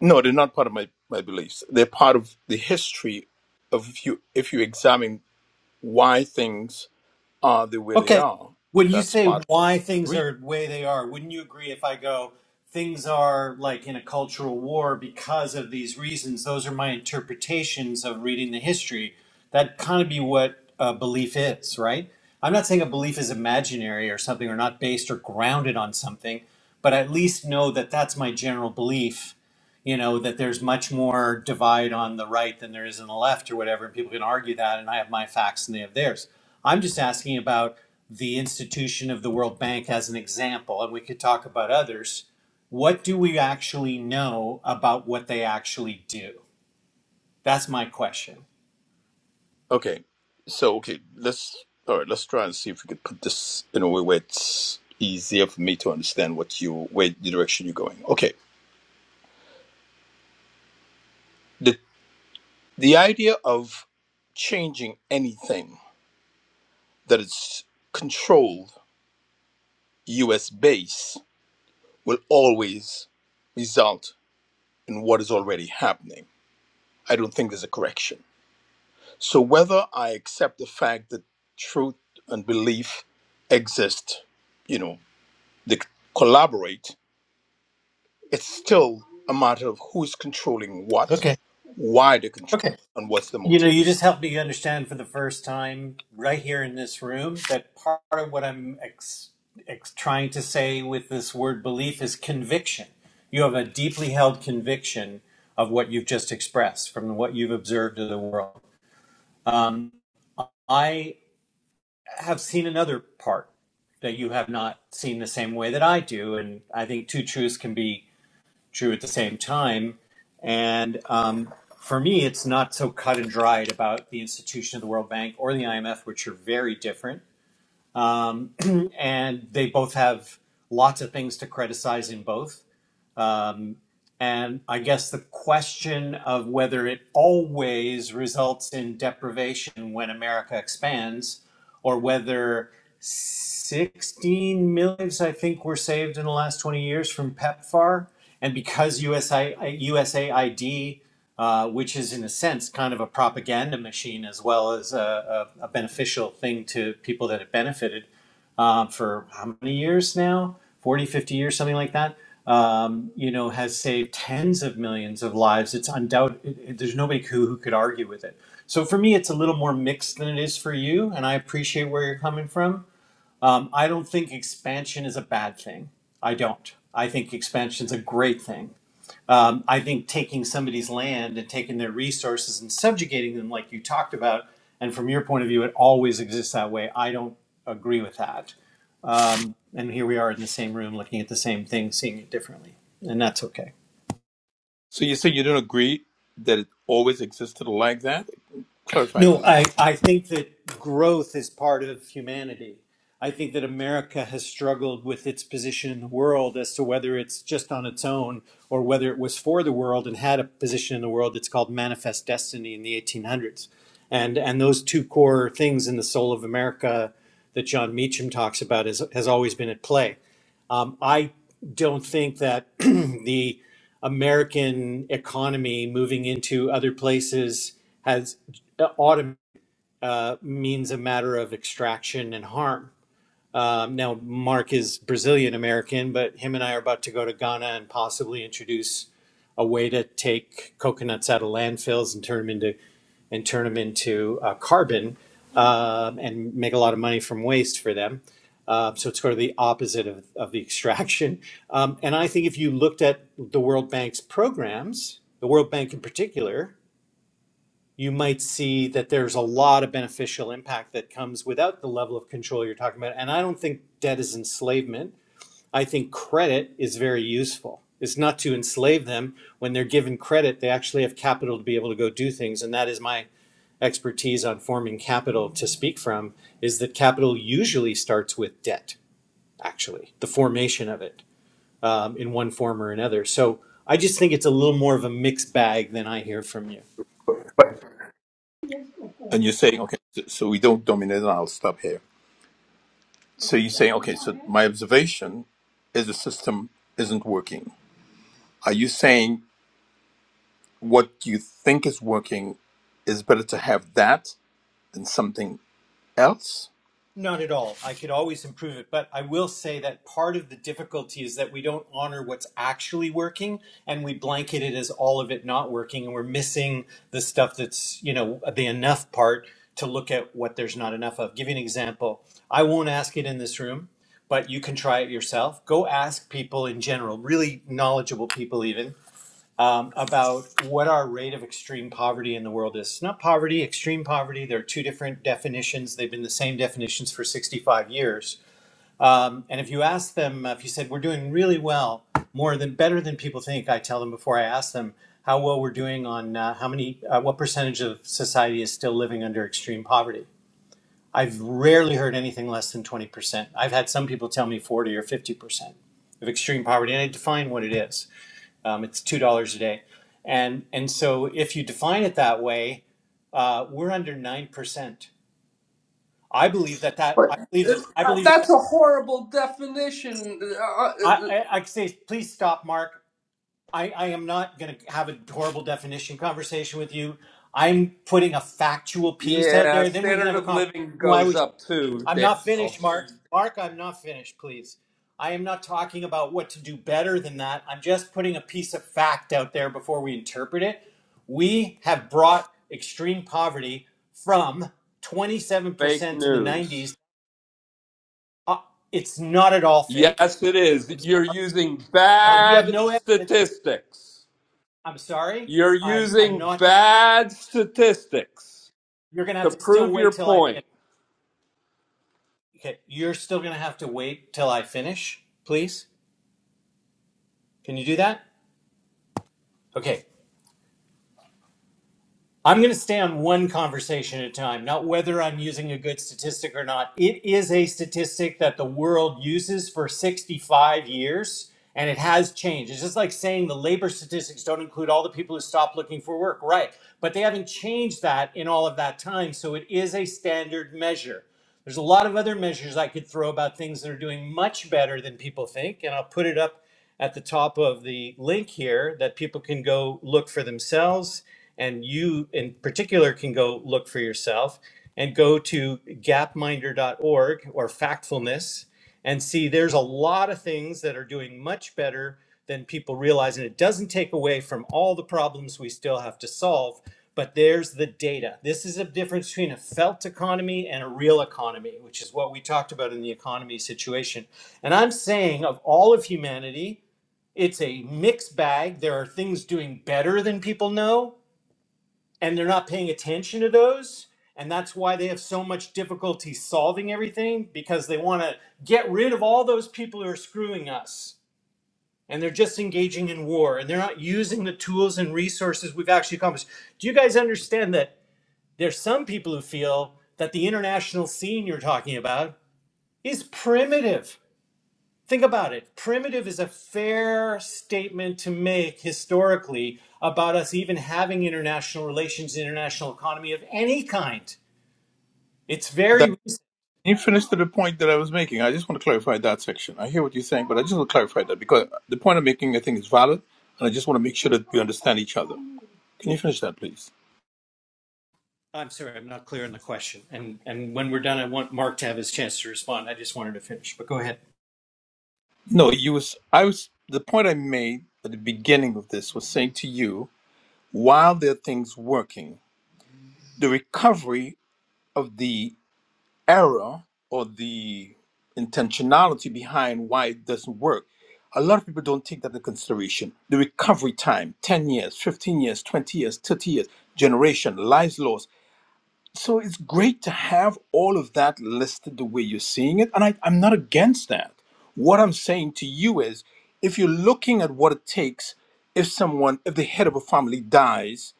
Speaker 7: No, they're not part of my, my beliefs. They're part of the history of if you if you examine why things are the way they
Speaker 3: Okay.
Speaker 7: are.
Speaker 3: When you
Speaker 7: That's
Speaker 3: say
Speaker 7: part
Speaker 3: why
Speaker 7: of the
Speaker 3: things
Speaker 7: reason.
Speaker 3: are the way they are, wouldn't you agree if I go, things are like in a cultural war because of these reasons? Those are my interpretations of reading the history. That kind of be what a belief is, right? I'm not saying a belief is imaginary or something or not based or grounded on something, but at least know that that's my general belief you know that there's much more divide on the right than there is on the left or whatever and people can argue that and i have my facts and they have theirs i'm just asking about the institution of the world bank as an example and we could talk about others what do we actually know about what they actually do that's my question
Speaker 7: Okay. So okay, let's all right, let's try and see if we could put this in a way where it's easier for me to understand what you where the direction you're going. Okay. The The idea of changing anything that is controlled US base will always result in what is already happening. I don't think there's a correction. So whether I accept the fact that truth and belief exist, you know, they collaborate, it's still a matter of who's controlling what,
Speaker 3: Okay.
Speaker 7: why they control,
Speaker 3: Okay.
Speaker 7: and what's the
Speaker 3: You know, you
Speaker 7: motive.
Speaker 3: just helped me understand for the first time right here in this room that part of what I'm ex- ex- trying to say with this word belief is conviction. You have a deeply held conviction of what you've just expressed from what you've observed of the world. Um, I have seen another part that you have not seen the same way that I do, and I think two truths can be true at the same time. And um, for me, it's not so cut and dried about the institution of the World Bank or the IMF, which are very different. And they both have lots of things to criticize in both. And I guess the question of whether it always results in deprivation when America expands, or whether 16 million lives, I think, were saved in the last 20 years from PEPFAR. And because USAID, uh, which is in a sense kind of a propaganda machine as well as a, a, a beneficial thing to people that it benefited, uh, for how many years now 40, 50 years something like that um, you know has saved tens of millions of lives it's undoubted it, it- there's nobody who, who could argue with it so for me it's a little more mixed than it is for you and i appreciate where you're coming from um, i don't think expansion is a bad thing i don't i think expansion's a great thing um, i think taking somebody's land and taking their resources and subjugating them like you talked about and from your point of view it always exists that way i don't agree with that um, and here we are in the same room looking at the same thing seeing it differently and that's okay
Speaker 7: So you say you don't agree that it always existed like that? Clarify,
Speaker 3: no
Speaker 7: please.
Speaker 3: i, I think that growth is part of humanity i think that america has struggled with its position in the world as to whether it's just on its own or whether it was for the world and had a position in the world that's called manifest destiny in the 1800s and and those two core things in the soul of america that john meacham talks about is, has always been at play Um, I don't think that (clears throat) the American economy moving into other places has uh, autom- uh, means a matter of extraction and harm. Um, now, Mark is Brazilian American, but him and I are about to go to Ghana and possibly introduce a way to take coconuts out of landfills and turn them into and turn them into uh, carbon um, and make a lot of money from waste for them. Uh, so it's sort of the opposite of, of the extraction. Um, and I think if you looked at the World Bank's programs, the World Bank in particular, you might see that there's a lot of beneficial impact that comes without the level of control you're talking about. And I don't think debt is enslavement. I think credit is very useful. It's not to enslave them. When they're given credit, they actually have capital to be able to go do things. And that is my expertise on forming capital to speak from is that capital usually starts with debt, actually, the formation of it um, in one form or another. So I just think it's a little more of a mixed bag than I hear from you.
Speaker 7: And you're saying, okay, so so we don't dominate, and I'll stop here. So you're saying, okay, so my observation is the system isn't working. Are you saying what you think is working is better to have that than something else?
Speaker 3: Not at all. I could always improve it, but I will say that part of the difficulty is that we don't honor what's actually working and we blanket it as all of it not working and we're missing the stuff that's, you know, the enough part to look at what there's not enough of. Give you an example. I won't ask it in this room, but you can try it yourself. Go ask people in general, really knowledgeable people even, um, about what our rate of extreme poverty in the world is. It's not poverty, extreme poverty. There are two different definitions. They've been the same definitions for 65 years. Um, and if you ask them, uh, if you said, we're doing really well, more than better than people think, I tell them before I ask them how well we're doing on uh, how many, uh, what percentage of society is still living under extreme poverty. I've rarely heard anything less than 20%. I've had some people tell me 40 or 50% of extreme poverty, and I define what it is. Um, it's two dollars a day, and and so if you define it that way, uh, we're under nine percent. I believe that that
Speaker 4: But
Speaker 3: I believe that I believe that
Speaker 4: that's a horrible definition. Uh,
Speaker 3: I I, I say please stop, Mark. I, I am not going to have a horrible definition conversation with you. I'm putting a factual piece out
Speaker 4: yeah,
Speaker 3: there. Then we can have
Speaker 4: standard
Speaker 3: a
Speaker 4: of
Speaker 3: conversation.
Speaker 4: living
Speaker 3: Why
Speaker 4: goes
Speaker 3: would?
Speaker 4: up too,
Speaker 3: I'm not
Speaker 4: Daniel.
Speaker 3: finished, Mark. Mark, I'm not finished, please. I am not talking about what to do better than that. I'm just putting a piece of fact out there before we interpret it. We have brought extreme poverty from
Speaker 4: Fake
Speaker 3: 27% in the
Speaker 4: news.
Speaker 3: 90s. Uh, It's not at all fake.
Speaker 4: Yes, it is.
Speaker 3: I'm
Speaker 4: You're
Speaker 3: sorry.
Speaker 4: using
Speaker 3: Well, you have
Speaker 4: bad
Speaker 3: no evidence.
Speaker 4: statistics.
Speaker 3: I'm sorry.
Speaker 4: You're
Speaker 3: I, I'm
Speaker 4: using
Speaker 3: not going to.
Speaker 4: bad statistics.
Speaker 3: You're going to
Speaker 4: To
Speaker 3: have to still
Speaker 4: prove your
Speaker 3: wait till I
Speaker 4: point,
Speaker 3: finish. Okay. You're still going to have to wait till I finish, please. Can you do that? Okay. I'm going to stay on one conversation at a time, not whether I'm using a good statistic or not. It is a statistic that the world uses for 65 years, and it has changed. It's just like saying the labor statistics don't include all the people who stop looking for work, right? But they haven't changed that in all of that time. So it is a standard measure. There's a lot of other measures I could throw about things that are doing much better than people think, and I'll put it up at the top of the link here that people can go look for themselves, and you in particular can go look for yourself and go to gapminder.org or factfulness and see there's a lot of things that are doing much better than people realize and it doesn't take away from all the problems we still have to solve but there's the data. This is a difference between a felt economy and a real economy, which is what we talked about in the economy situation. And I'm saying of all of humanity, it's a mixed bag. There are things doing better than people know, and they're not paying attention to those. And that's why they have so much difficulty solving everything because they want to get rid of all those people who are screwing us. And they're just engaging in war and they're not using the tools and resources we've actually accomplished. Do you guys understand that there's some people who feel that the international scene you're talking about is primitive. Think about it. Primitive is a fair statement to make historically about us even having international relations, international economy of any kind. It's very
Speaker 7: That
Speaker 3: recent.
Speaker 7: you finished to the point that I was making. I just want to clarify that section. I hear what you're saying, but I just want to clarify that because the point I'm making, I think, is valid, and I just want to make sure that we understand each other. Can you finish that, please?
Speaker 3: I'm sorry, I'm not clear on the question. And and when we're done, I want Mark to have his chance to respond. I just wanted to finish, but go ahead.
Speaker 7: No, you was I was the point I made at the beginning of this was saying to you, while there are things working, the recovery of the error or the intentionality behind why it doesn't work, a lot of people don't take that into consideration. The recovery time, 10 years, 15 years, 20 years, 30 years, generation, lives lost so it's great to have all of that listed the way you're seeing it and I, i'm not against that what i'm saying to you is if you're looking at what it takes if someone if the head of a family dies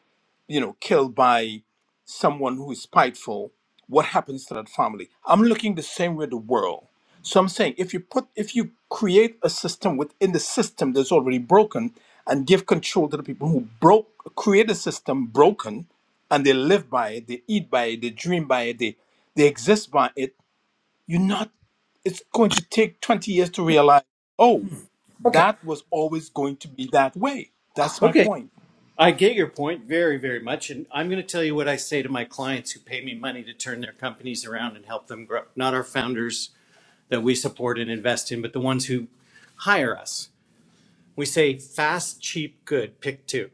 Speaker 7: you know, killed by someone who is spiteful, what happens to that family? I'm looking the same way the world. So I'm saying if you put if you create a system within the system that's already broken and give control to the people who broke create a system broken and they live by it, they eat by it, they dream by it, they they exist by it, you're not it's going to take 20 years to realize, oh,
Speaker 3: Okay.
Speaker 7: that was always going to be that way. That's my
Speaker 3: Okay.
Speaker 7: point.
Speaker 3: I get your point very, very much. And I'm going to tell you what I say to my clients who pay me money to turn their companies around and help them grow. Not our founders that we support and invest in, but the ones who hire us. We say fast, cheap, good, pick two,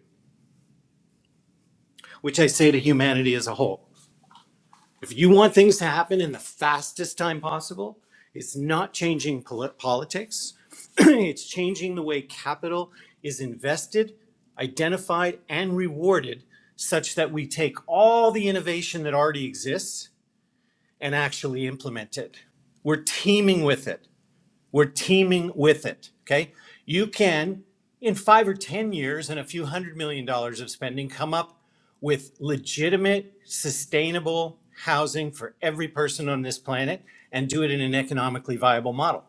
Speaker 3: which I say to humanity as a whole. If you want things to happen in the fastest time possible, it's not changing poli- politics. (clears throat) it's changing the way capital is invested, identified, and rewarded such that we take all the innovation that already exists and actually implement it. We're teaming with it. We're teaming with it. Okay. You can, in five or 10 years and a few hundred million dollars of spending, come up with legitimate, sustainable housing for every person on this planet and do it in an economically viable model.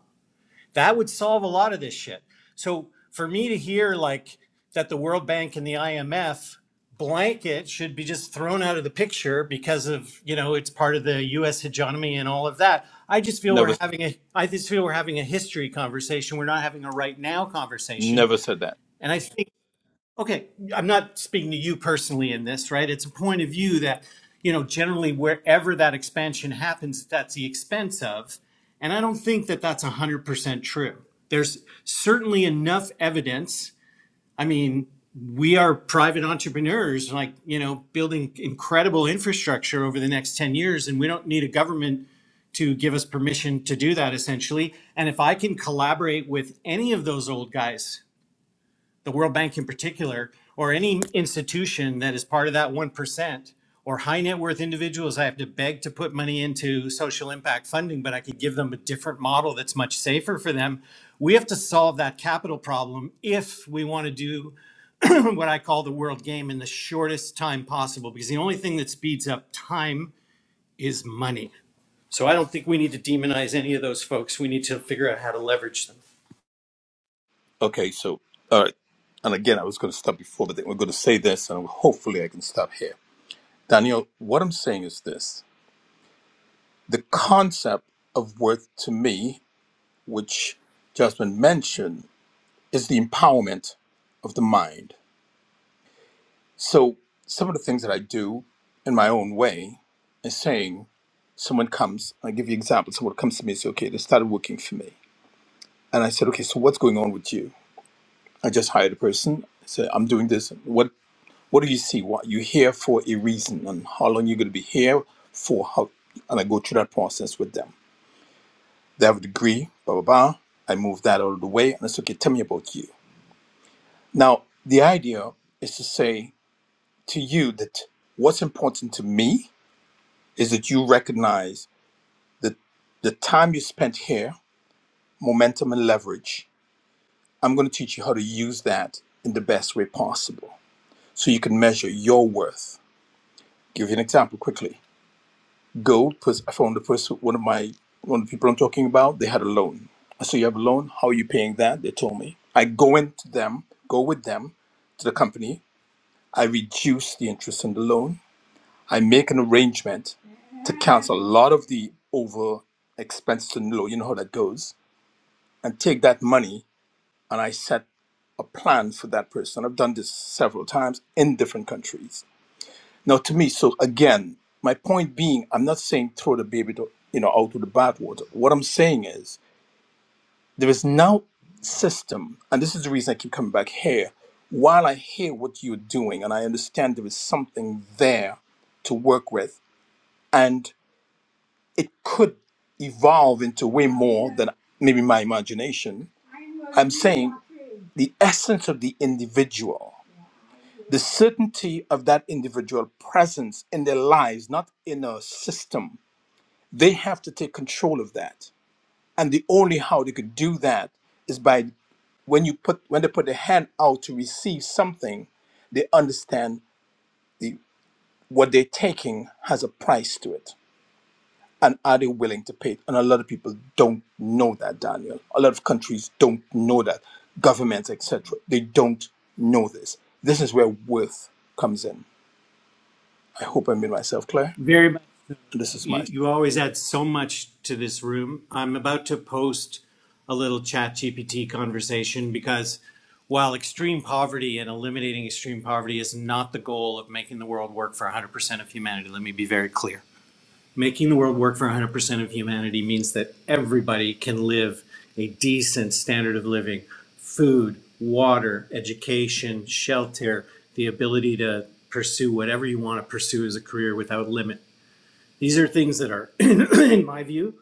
Speaker 3: That would solve a lot of this shit. So for me to hear like that the World Bank and the IMF blanket should be just thrown out of the picture because of, you know, it's part of the US hegemony and all of that. I just feel
Speaker 7: Never
Speaker 3: we're having a I just feel we're having a history conversation. We're not having a right now conversation.
Speaker 7: never said that.
Speaker 3: And I think Okay, I'm not speaking to you personally in this, right? It's a point of view that, you know, generally wherever that expansion happens, that's the expense of. And I don't think that that's 100% true. There's certainly enough evidence. I mean, we are private entrepreneurs, like, you know, building incredible infrastructure over the next 10 years, and we don't need a government to give us permission to do that essentially. And if I can collaborate with any of those old guys the World Bank in particular, or any institution that is part of that 1%, or high net worth individuals, I have to beg to put money into social impact funding, but I could give them a different model that's much safer for them. We have to solve that capital problem if we want to do (clears throat) what I call the world game in the shortest time possible, because the only thing that speeds up time is money. So I don't think we need to demonize any of those folks. We need to figure out how to leverage them.
Speaker 7: Okay, so all right, and again, I was going to stop before, but then we're going to say this, and hopefully, I can stop here. Daniel, what I'm saying is this: the concept of worth to me, which Jasmine mentioned, is the empowerment of the mind. So, some of the things that I do in my own way is saying, someone comes, I give you an example. Someone comes to me and says, "Okay, they started working for me," and I said, "Okay, so what's going on with you?" I just hired a person. I said, "I'm doing this. What What do you see? What you here for a reason, and how long you're going to be here for? How and I go through that process with them. They have a degree, blah blah blah. I move that out of the way, and it's okay. Tell me about you. Now, the idea is to say to you that what's important to me is that you recognize that the time you spent here, momentum and leverage. I'm going to teach you how to use that in the best way possible, so you can measure your worth. Give you an example quickly Gold. Because I found the first one of my, one of the people I'm talking about, they had a loan. So you have a loan, how are you paying that? They told me. I go into them, go with them to the company. I reduce the interest on the loan. I make an arrangement to cancel a lot of the over expenses on the loan. You know how that goes. And take that money and I set a plan for that person. I've done this several times in different countries now, to me, so again, my point being, I'm not saying throw the baby, to, you know, out with the bathwater. What I'm saying is there is now system, and this is the reason I keep coming back here. While I hear what you're doing, and I understand there is something there to work with, and it could evolve into way more than maybe my imagination. I'm saying the essence of the individual, the certainty of that individual presence in their lives, not in a system they have to take control of that and the only how they could do that is by when you put when they put their hand out to receive something they understand the what they're taking has a price to it and are they willing to pay it and a lot of people don't know that daniel a lot of countries don't know that governments etc they don't know this this is where worth comes in i hope i made myself clear
Speaker 3: Very much.
Speaker 7: and this is my
Speaker 3: you, you always add so much to this room. I'm about to post a little chat GPT conversation because while extreme poverty and eliminating extreme poverty is not the goal of making the world work for 100% of humanity, let me be very clear. Making the world work for 100% of humanity means that everybody can live a decent standard of living food, water, education, shelter, the ability to pursue whatever you want to pursue as a career without limit these are things that are, (clears throat) in my view,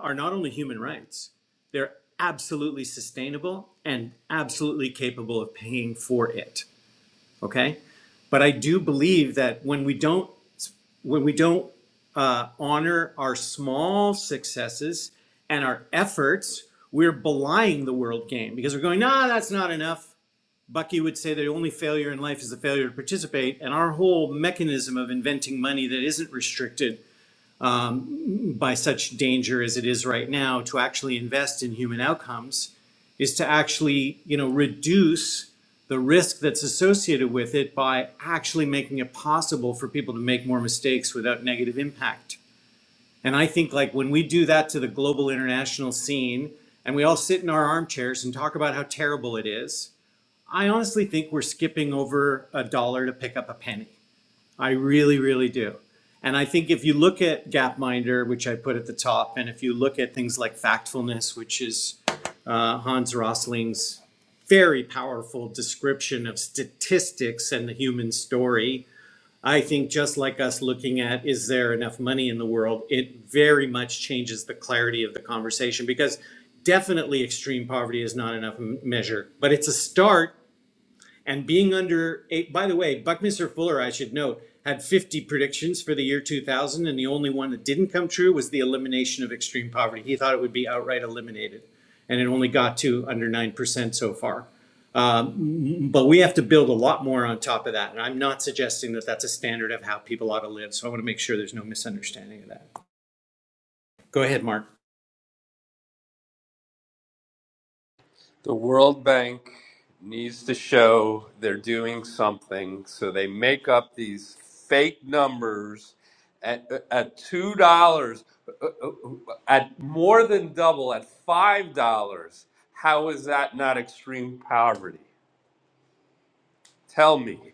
Speaker 3: are not only human rights, they're absolutely sustainable and absolutely capable of paying for it. Okay? But I do believe that when we don't when we don't uh, honor our small successes and our efforts, we're belying the world game because we're going, nah, that's not enough. Bucky would say the only failure in life is the failure to participate, and our whole mechanism of inventing money that isn't restricted by such danger as it is right now to actually invest in human outcomes is to actually you know reduce the risk that's associated with it by actually making it possible for people to make more mistakes without negative impact and i think like when we do that to the global international scene and we all sit in our armchairs and talk about how terrible it is i honestly think we're skipping over a dollar to pick up a penny I really, really do. And I think if you look at Gapminder, which I put at the top, and if you look at things like Factfulness, which is uh, Hans Rosling's very powerful description of statistics and the human story, I think just like us looking at is there enough money in the world, it very much changes the clarity of the conversation because definitely extreme poverty is not enough measure, but it's a start and being under eight. By the way, Buckminster Fuller, I should note, had 50 predictions for the year 2000, and the only one that didn't come true was the elimination of extreme poverty. He thought it would be outright eliminated, and it only got to under 9% so far. Um, but we have to build a lot more on top of that. And I'm not suggesting that that's a standard of how people ought to live. So I want to make sure there's no misunderstanding of that. Go ahead, Mark.
Speaker 4: The World Bank needs to show they're doing something, so they make up these fake numbers at, at two dollars, at more than double, at five dollars. How is that not extreme poverty? Tell me.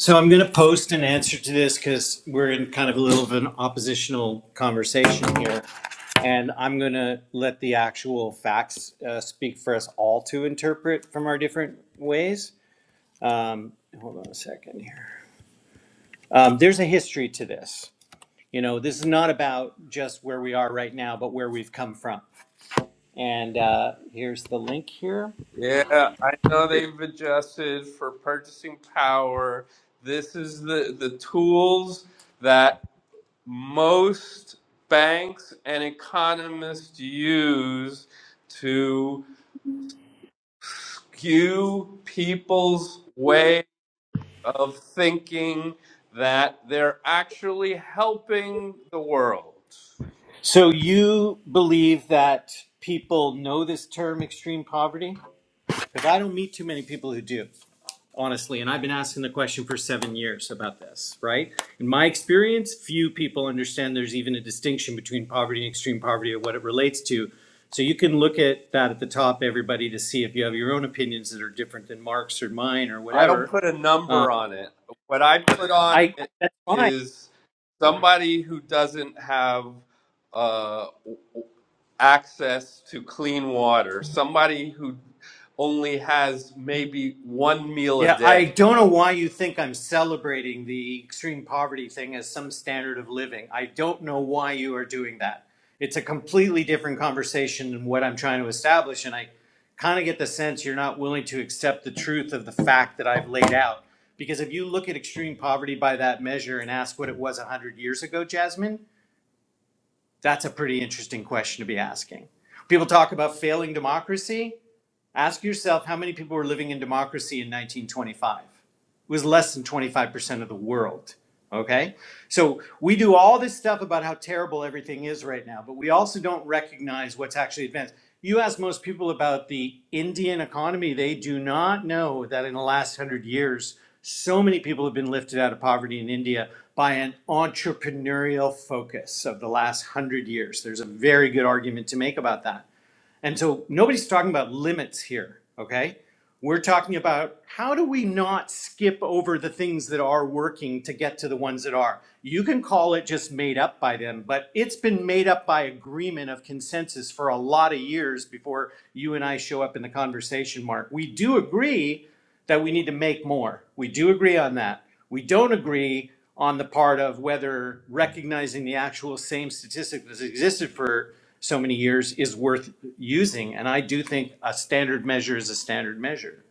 Speaker 3: So I'm going to post an answer to this because we're in kind of a little of an oppositional conversation here. And I'm going to let the actual facts uh, speak for us all to interpret from our different ways. Um, hold on a second here. Um, there's a history to this. You know, this is not about just where we are right now, but where we've come from. And uh, here's the link here.
Speaker 4: Yeah, I know they've adjusted for purchasing power. This is the the tools that. most banks and economists use to cue people's way of thinking that they're actually helping the world.
Speaker 3: So you believe that people know this term extreme poverty? Because I don't meet too many people who do, honestly. And I've been asking the question for seven years about this, right? In my experience, few people understand there's even a distinction between poverty and extreme poverty or what it relates to. So you can look at that at the top, everybody, to see if you have your own opinions that are different than Mark's or mine or
Speaker 4: I don't
Speaker 3: whatever.
Speaker 4: put a number on it. What I put on
Speaker 3: I
Speaker 4: it
Speaker 3: that's fine.
Speaker 4: is somebody who doesn't have uh, access to clean water, somebody who only has maybe one meal a
Speaker 3: Yeah, I
Speaker 4: day.
Speaker 3: don't know why you think I'm celebrating the extreme poverty thing as some standard of living. I don't know why you are doing that. It's a completely different conversation than what I'm trying to establish. And I kind of get the sense you're not willing to accept the truth of the fact that I've laid out. Because if you look at extreme poverty by that measure and ask what it was 100 years ago, Jasmine, that's a pretty interesting question to be asking. People talk about failing democracy. Ask yourself how many people were living in democracy in 1925. It was less than 25% of the world. Okay? So we do all this stuff about how terrible everything is right now, but we also don't recognize what's actually advanced. You ask most people about the Indian economy, they do not know that in the last hundred years, so many people have been lifted out of poverty in India by an entrepreneurial focus of the last hundred years. There's a very good argument to make about that. And so nobody's talking about limits here, okay? We're talking about how do we not skip over the things that are working to get to the ones that are. You can call it just made up by them, but it's been made up by agreement of consensus for a lot of years before you and I show up in the conversation, Mark. We do agree that we need to make more. We do agree on that. We don't agree on the part of whether recognizing the actual same statistic that's existed for so many years is worth using. And I do think a standard measure is a standard measure.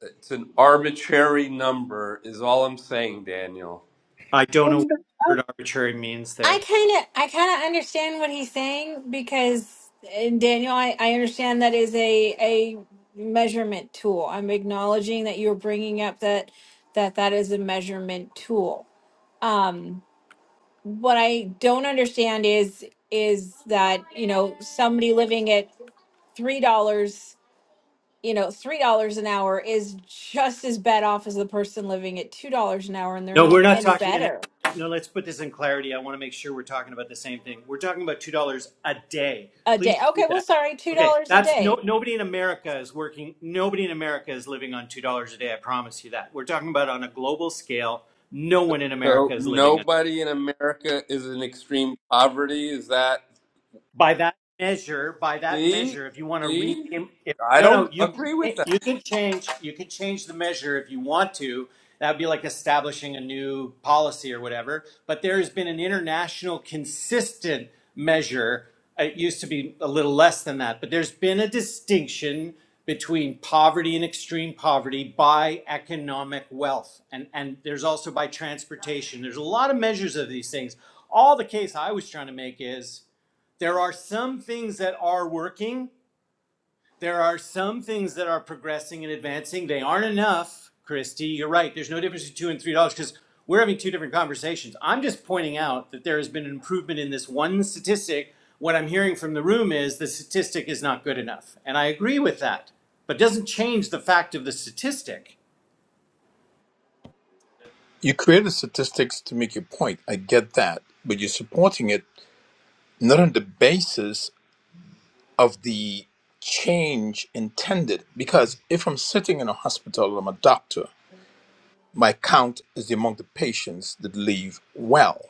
Speaker 4: It's an arbitrary number, is all I'm saying, Daniel.
Speaker 3: I don't know what
Speaker 8: and uh,
Speaker 3: the word arbitrary means
Speaker 2: I
Speaker 3: there.
Speaker 2: kind of, I kind of understand what he's saying because and Daniel, I, I understand that is a a measurement tool. I'm acknowledging that you're bringing up that that that is a measurement tool. Um, what I don't understand is is that you know somebody living at three dollars you know, three dollars an hour is just as bad off as the person living at two dollars an hour, and they're
Speaker 3: No,
Speaker 2: not
Speaker 3: we're not
Speaker 2: any
Speaker 3: talking an
Speaker 2: better
Speaker 3: hour. No, let's put this in clarity. I want to make sure we're talking about the same thing. We're talking about two dollars a day.
Speaker 2: a
Speaker 3: Please
Speaker 2: day.
Speaker 3: do
Speaker 2: Okay, well,
Speaker 3: that.
Speaker 2: sorry, two
Speaker 3: Okay,
Speaker 2: dollars a
Speaker 3: that's no.
Speaker 2: day.
Speaker 3: Nobody in America is working. Nobody in America is living on two dollars a day. I promise you that. We're talking about on a global scale. No one in America
Speaker 4: So
Speaker 3: is living on.
Speaker 4: nobody in America is in extreme poverty. Is that
Speaker 3: by that measure by that
Speaker 4: see?
Speaker 3: measure if you want to
Speaker 4: See?
Speaker 3: rename if,
Speaker 4: I
Speaker 3: no no
Speaker 4: don't
Speaker 3: you
Speaker 4: agree
Speaker 3: can
Speaker 4: with that.
Speaker 3: you can change you can change the measure if you want to that would be like establishing a new policy or whatever but there has been an international consistent measure it used to be a little less than that but there's been a distinction between poverty and extreme poverty by economic wealth and and there's also by transportation there's a lot of measures of these things all the case i was trying to make is there are some things that are working. There are some things that are progressing and advancing. They aren't enough, Christy. You're right. There's no difference between two and three dollars because we're having two different conversations. I'm just pointing out that there has been an improvement in this one statistic. What I'm hearing from the room is the statistic is not good enough. And I agree with that, but it doesn't change the fact of the statistic.
Speaker 7: You created statistics to make your point. I get that, but you're supporting it not on the basis of the change intended. Because if I'm sitting in a hospital, I'm a doctor, my count is among the patients that leave well.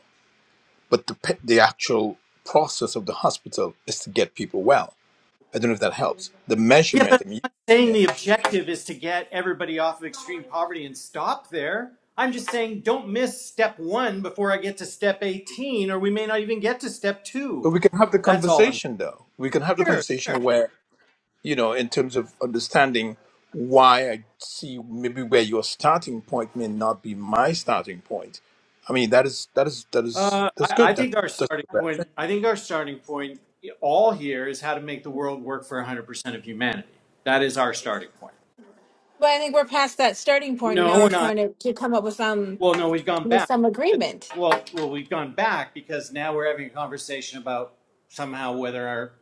Speaker 7: But the, pa- the actual process of the hospital is to get people well. I don't know if that helps. The
Speaker 3: Yeah,
Speaker 7: measurement,
Speaker 3: but
Speaker 7: I mean,
Speaker 3: I'm not saying
Speaker 7: yeah.
Speaker 3: the objective is to get everybody off of extreme poverty and stop there. I'm just saying don't miss step one before I get to step 18, or we may not even get to step
Speaker 7: But
Speaker 3: two.
Speaker 7: we can have the
Speaker 3: That's all I'm
Speaker 7: conversation though. We can have the
Speaker 3: sure.
Speaker 7: conversation where you know, in terms of understanding why I see maybe where your starting point may not be my starting point. I mean, that is that is that is
Speaker 3: Uh,
Speaker 7: that's
Speaker 3: I, I
Speaker 7: good. That
Speaker 3: think our
Speaker 7: that's
Speaker 3: starting
Speaker 7: the bad thing.
Speaker 3: point, I think our starting point all here is how to make the world work for 100% of humanity. That is our starting point.
Speaker 2: But I think we're past that starting point, and
Speaker 3: No,
Speaker 2: now we're
Speaker 3: we're not.
Speaker 2: trying to, to come up with some
Speaker 3: Well, no, we've gone
Speaker 2: with
Speaker 3: back.
Speaker 2: some agreement.
Speaker 3: Well, well, we've gone back because now we're having a conversation about somehow whether our,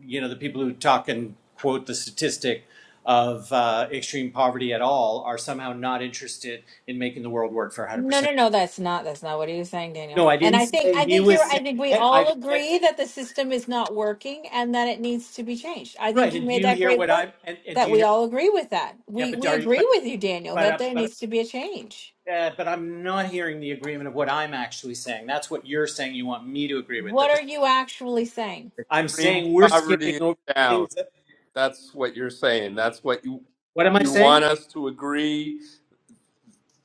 Speaker 3: you know, the people who talk and quote the statistic of uh, extreme poverty at all are somehow not interested in making the world work for
Speaker 2: No,
Speaker 3: 100%.
Speaker 2: no, no, that's not that's not what he was saying, Daniel.
Speaker 3: No, I
Speaker 2: And
Speaker 3: didn't
Speaker 2: I think
Speaker 3: say
Speaker 2: I
Speaker 3: he
Speaker 2: think you're
Speaker 3: was
Speaker 2: right. I
Speaker 3: saying
Speaker 2: think we
Speaker 3: it. I
Speaker 2: all
Speaker 3: think that
Speaker 2: agree that the system is not working and that it needs to be changed. I think
Speaker 3: right.
Speaker 2: you
Speaker 3: And do
Speaker 2: made
Speaker 3: you
Speaker 2: that
Speaker 3: hear
Speaker 2: great
Speaker 3: what
Speaker 2: point
Speaker 3: I'm? And, and do
Speaker 2: that
Speaker 3: you
Speaker 2: we
Speaker 3: hear?
Speaker 2: all agree with that.
Speaker 3: Yeah,
Speaker 2: We
Speaker 3: but
Speaker 2: we
Speaker 3: are you?
Speaker 2: agree
Speaker 3: But
Speaker 2: with you, Daniel,
Speaker 3: but
Speaker 2: that
Speaker 3: uh,
Speaker 2: there
Speaker 3: but.
Speaker 2: needs to be a change.
Speaker 3: Uh, but I'm not hearing the agreement of what I'm actually saying. That's what you're saying. You want me to agree with
Speaker 2: What
Speaker 3: that. The
Speaker 2: are you actually saying?
Speaker 3: I'm
Speaker 4: Extreme
Speaker 3: saying we're skipping
Speaker 4: poverty is
Speaker 3: over
Speaker 4: down.
Speaker 3: things that
Speaker 4: that's what you're saying. That's what you
Speaker 3: what am I
Speaker 4: you
Speaker 3: saying?
Speaker 4: want us to agree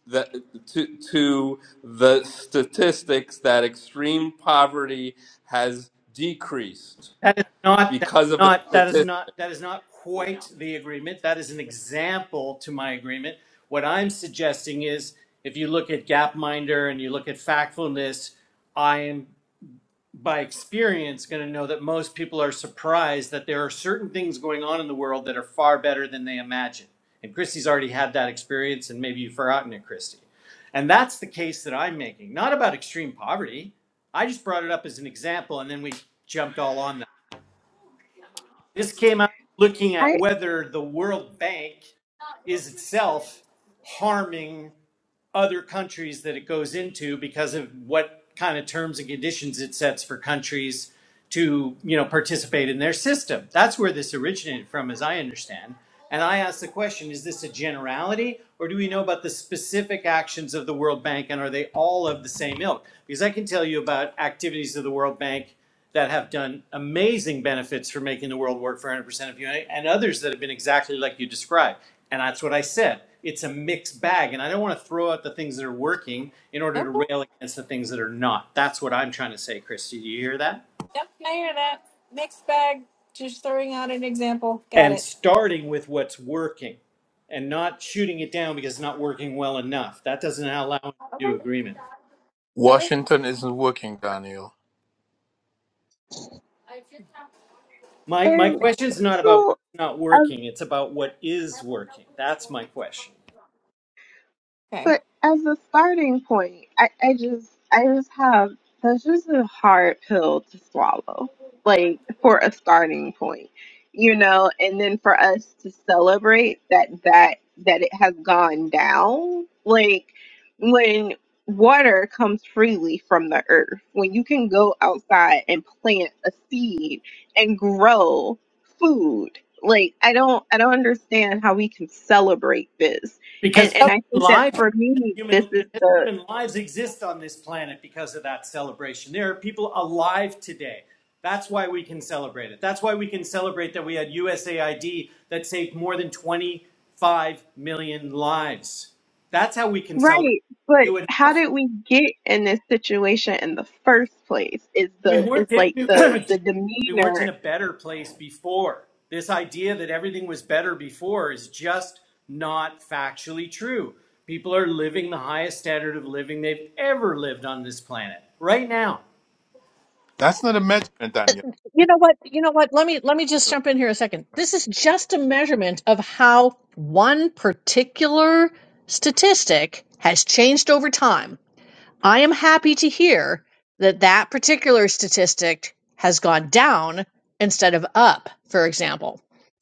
Speaker 4: that to to the statistics that extreme poverty has decreased
Speaker 3: That is not that
Speaker 4: because
Speaker 3: is
Speaker 4: of a
Speaker 3: not that is
Speaker 4: statistic.
Speaker 3: not that is not quite the agreement. That is an example to my agreement. What I'm suggesting is if you look at Gapminder and you look at factfulness, I am. by experience going to know that most people are surprised that there are certain things going on in the world that are far better than they imagine. And Christy's already had that experience, and maybe you've forgotten it, Christy. And that's the case that I'm making, not about extreme poverty. I just brought it up as an example, and then we jumped all on that. This came out looking at
Speaker 8: I
Speaker 3: whether the World Bank is itself harming other countries that it goes into because of what kind of terms and conditions it sets for countries to you know participate in their system. That's where this originated from, as I understand. And I ask the question: Is this a generality, or do we know about the specific actions of the World Bank, and are they all of the same ilk? Because I can tell you about activities of the World Bank that have done amazing benefits for making the world work for 100% of humanity, and others that have been exactly like you described. And that's what I said. It's a mixed bag, and I don't want to throw out the things that are working in order to
Speaker 2: Okay.
Speaker 3: rail against the things that are not. That's what I'm trying to say, Christy. Do you hear that?
Speaker 2: Yep, I hear that. Mixed bag. Just throwing out an example. Got
Speaker 3: and
Speaker 2: it.
Speaker 3: starting with what's working and not shooting it down because it's not working well enough. That doesn't allow
Speaker 2: Okay.
Speaker 3: new agreement.
Speaker 2: Okay.
Speaker 7: Washington isn't working, Daniel.
Speaker 3: My my
Speaker 8: and
Speaker 3: question's not about
Speaker 8: so.
Speaker 3: what's not working, it's about what is working. That's my question.
Speaker 2: Okay.
Speaker 8: But as a starting point, I, I just I just have that's just a hard pill to swallow. Like for a starting point, you know, and then for us to celebrate that that that it has gone down, like when water comes freely from the earth, when you can go outside and plant a seed and grow food. Like I don't I don't understand how we can celebrate this
Speaker 3: Because
Speaker 8: and and
Speaker 3: people's
Speaker 8: I think that
Speaker 3: lives
Speaker 8: for me, this
Speaker 3: human
Speaker 8: is
Speaker 3: because
Speaker 8: the
Speaker 3: human lives exist on this planet because of that celebration. There are people alive today. That's why we can celebrate it. That's why we can celebrate that we had USAID that saved more than 25 million lives. That's how we can celebrate.
Speaker 8: right. But
Speaker 3: You and
Speaker 8: how did we get in this situation in the first place? Is
Speaker 3: we
Speaker 8: the is
Speaker 3: weren't in,
Speaker 8: like the
Speaker 3: (clears throat)
Speaker 8: the
Speaker 3: we weren't in
Speaker 8: demeanor.
Speaker 3: a better place before. This idea that everything was better before is just not factually true. People are living the highest standard of living they've ever lived on this planet right now.
Speaker 7: That's not a measurement, Daniel.
Speaker 1: you know what you know what let me let me just
Speaker 7: But
Speaker 1: jump in here a second this is just a measurement of how one particular statistic has changed over time I am happy to hear that that particular statistic has gone down instead of up, for example.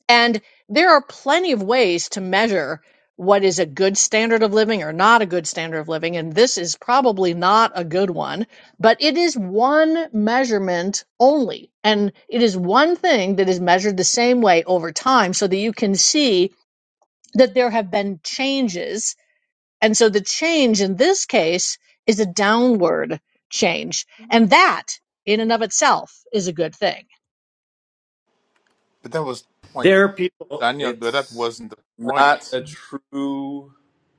Speaker 1: And there are plenty of ways to measure what is a good standard of living or not a good standard of living. And this is probably not a good one, but it is one measurement only. And it is one thing that is measured the same way over time so that you can see that there have been changes and so the change in this case is a downward change. And that in and of itself is a good thing.
Speaker 7: that was the point,
Speaker 3: There are people.
Speaker 7: Daniel. But that
Speaker 4: It's
Speaker 7: wasn't the
Speaker 4: not
Speaker 7: point.
Speaker 4: a true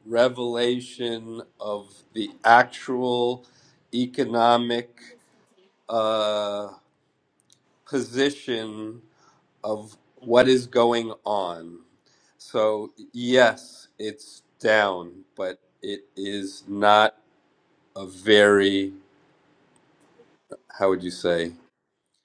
Speaker 4: revelation of the actual economic uh, position of what is going on. So, yes, it's down, but it is not a very, how would you say,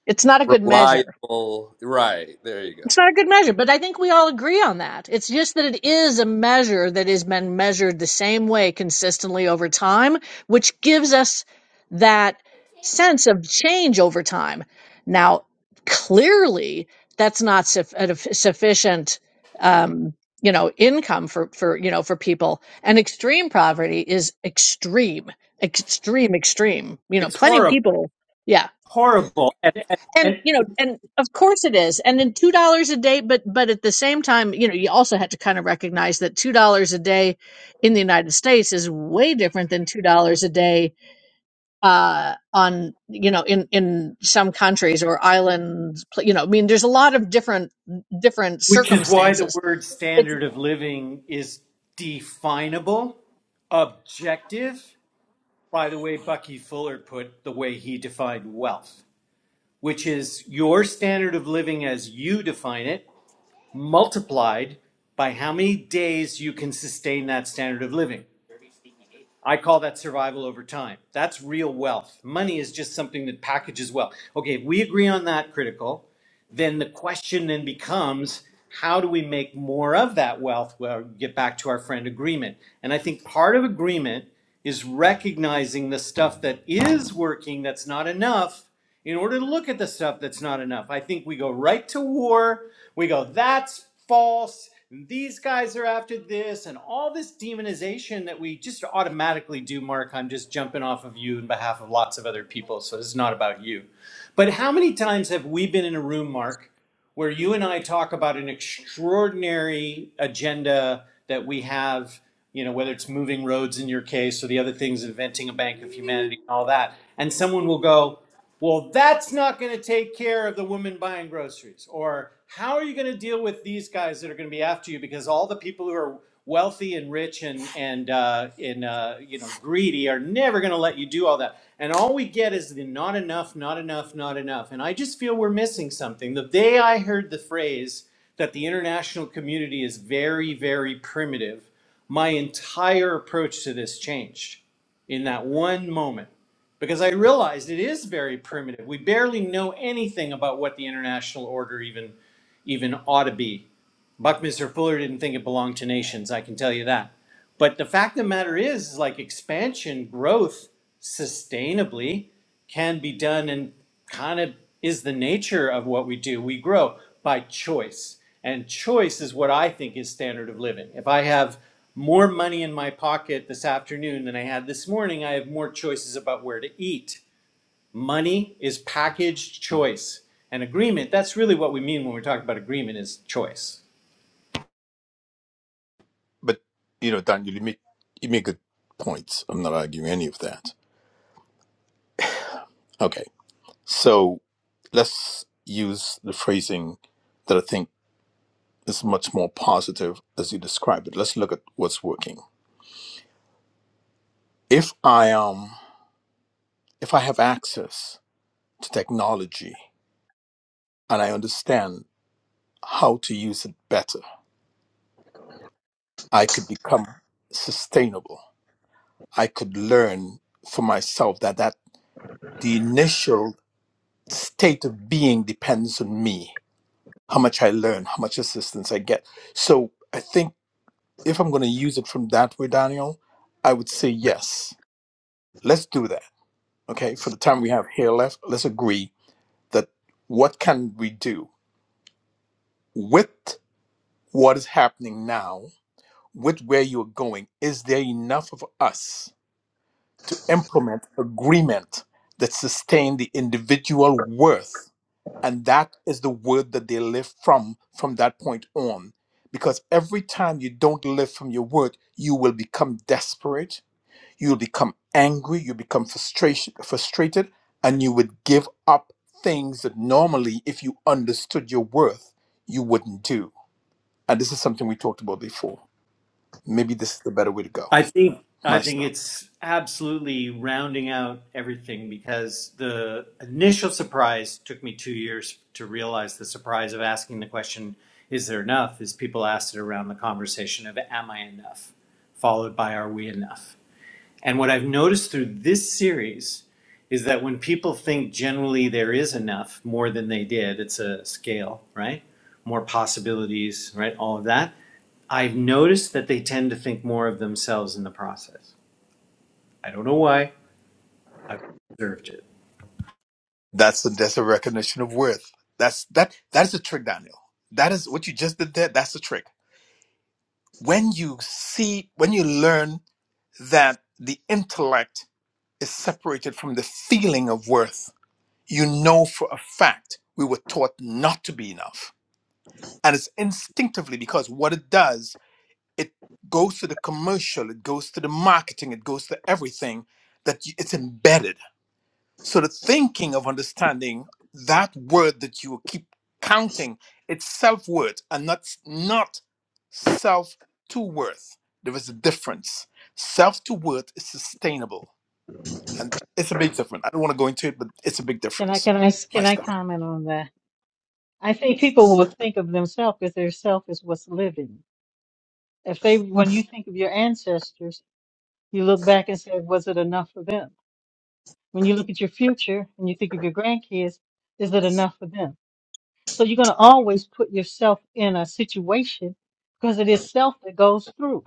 Speaker 1: It's not a good measure
Speaker 4: reliable. Right, there you go.
Speaker 1: It's not a good measure, but I think we all agree on that. It's just that it is a measure that has been measured the same way consistently over time, which gives us that sense of change over time. Now, clearly, that's not suf- a def- sufficient, um, you know, income for for you know for people. And extreme poverty is extreme, extreme, extreme. You know,
Speaker 3: It's
Speaker 1: plenty of
Speaker 3: horrible,
Speaker 1: people. Yeah,
Speaker 3: horrible, and, and
Speaker 1: and
Speaker 3: and
Speaker 1: you know and of course it is and then two dollars a day but but at the same time you know you also had to kind of recognize that two dollars a day in the united states is way different than two dollars a day uh on you know in in some countries or islands pl- you know i mean there's a lot of different different
Speaker 3: which is why the
Speaker 1: circumstances
Speaker 3: word
Speaker 1: it's
Speaker 3: standard of living is definable, objective. By the way, Bucky Fuller put the way he defined wealth which is your standard of living as you define it, multiplied by how many days you can sustain that standard of living. I call that survival over time. That's real wealth. Money is just something that packages wealth. Okay, if we agree on that critical, then the question then becomes how do we make more of that wealth? Well, get back to our friend agreement. And I think part of agreement is recognizing the stuff that is working that's not enough in order to look at the stuff that's not enough. I think we go right to war. We go, that's false. These guys are after this, and all this demonization that we just automatically do, Mark. I'm just jumping off of you in behalf of lots of other people, so this is not about you. But how many times have we been in a room, Mark, where you and I talk about an extraordinary agenda that we have, you know, whether it's moving roads in your case or the other things, inventing a bank of humanity and all that, and someone will go, well, that's not going to take care of the woman buying groceries. Or how are you going to deal with these guys that are going to be after you? Because all the people who are wealthy and rich and and uh, and uh, you know greedy are never going to let you do all that. And all we get is the not enough, not enough, not enough. And I just feel we're missing something. The day I heard the phrase that the international community is very, very primitive, my entire approach to this changed in that one moment because I realized it is very primitive. We barely know anything about what the international order even even ought to be. Buckminster Fuller didn't think it belonged to nations. I can tell you that. But the fact of the matter is, is like expansion growth sustainably can be done and kind of is the nature of what we do. We grow by choice. And choice is what I think is standard of living. If I have more money in my pocket this afternoon than I had this morning, I have more choices about where to eat. Money is packaged choice. And agreement, that's really what we mean when we're talking about agreement is choice.
Speaker 7: But you know, Daniel, you make you make good points. I'm not arguing any of that. Okay, so let's use the phrasing that I think. is much more positive as you described it. Let's look at what's working. If I um if I have access to technology and I understand how to use it better, I could become sustainable. I could learn for myself that that the initial state of being depends on me, how much I learn, how much assistance I get. So I think if I'm going to use it from that way, Daniel, I would say yes. Let's do that okay, for the time we have here left, let's agree that what can we do with what is happening now, with where you're going? Is there enough of us to implement agreement that sustain the individual worth? And that is the word that they live from from that point on. Because every time you don't live from your word, you will become desperate You'll become angry, you become frustration, frustrated, and you would give up things that normally, if you understood your worth, you wouldn't do. And this is something we talked about before. Maybe this is the better way to go.
Speaker 3: I think I
Speaker 7: My
Speaker 3: think
Speaker 7: stop.
Speaker 3: it's absolutely rounding out everything because the initial surprise took me two years to realize the surprise of asking the question, is there enough? Is people asked it around the conversation of am I enough? Followed by are we enough? And what I've noticed through this series is that when people think generally there is enough, more than they did, it's a scale, right? More possibilities, right? All of that. I've noticed that they tend to think more of themselves in the process. I don't know why. I've observed it.
Speaker 7: That's the that's a recognition of worth. That's that that is the trick, Daniel. That is what you just did there. That's the trick. When you see, when you learn that the intellect is separated from the feeling of worth you know for a fact we were taught not to be enough. And it's instinctively because what it does, it goes to the commercial, it goes to the marketing, it goes to everything that y- it's embedded. So the thinking of understanding that word that you keep counting, it's self worth and not, s- not self to worth. There is a difference. Self to worth is sustainable. And it's a big difference. I don't want to go into it, but it's a big
Speaker 5: Can I
Speaker 7: difference.
Speaker 5: can I
Speaker 7: My
Speaker 5: can I
Speaker 7: stop.
Speaker 5: comment on that? I think people will think of themselves as their self is what's living. If they when you think of your ancestors, you look back and say, was it enough for them? When you look at your future and you think of your grandkids, is it enough for them? So you're going to always put yourself in a situation because it is self that goes through.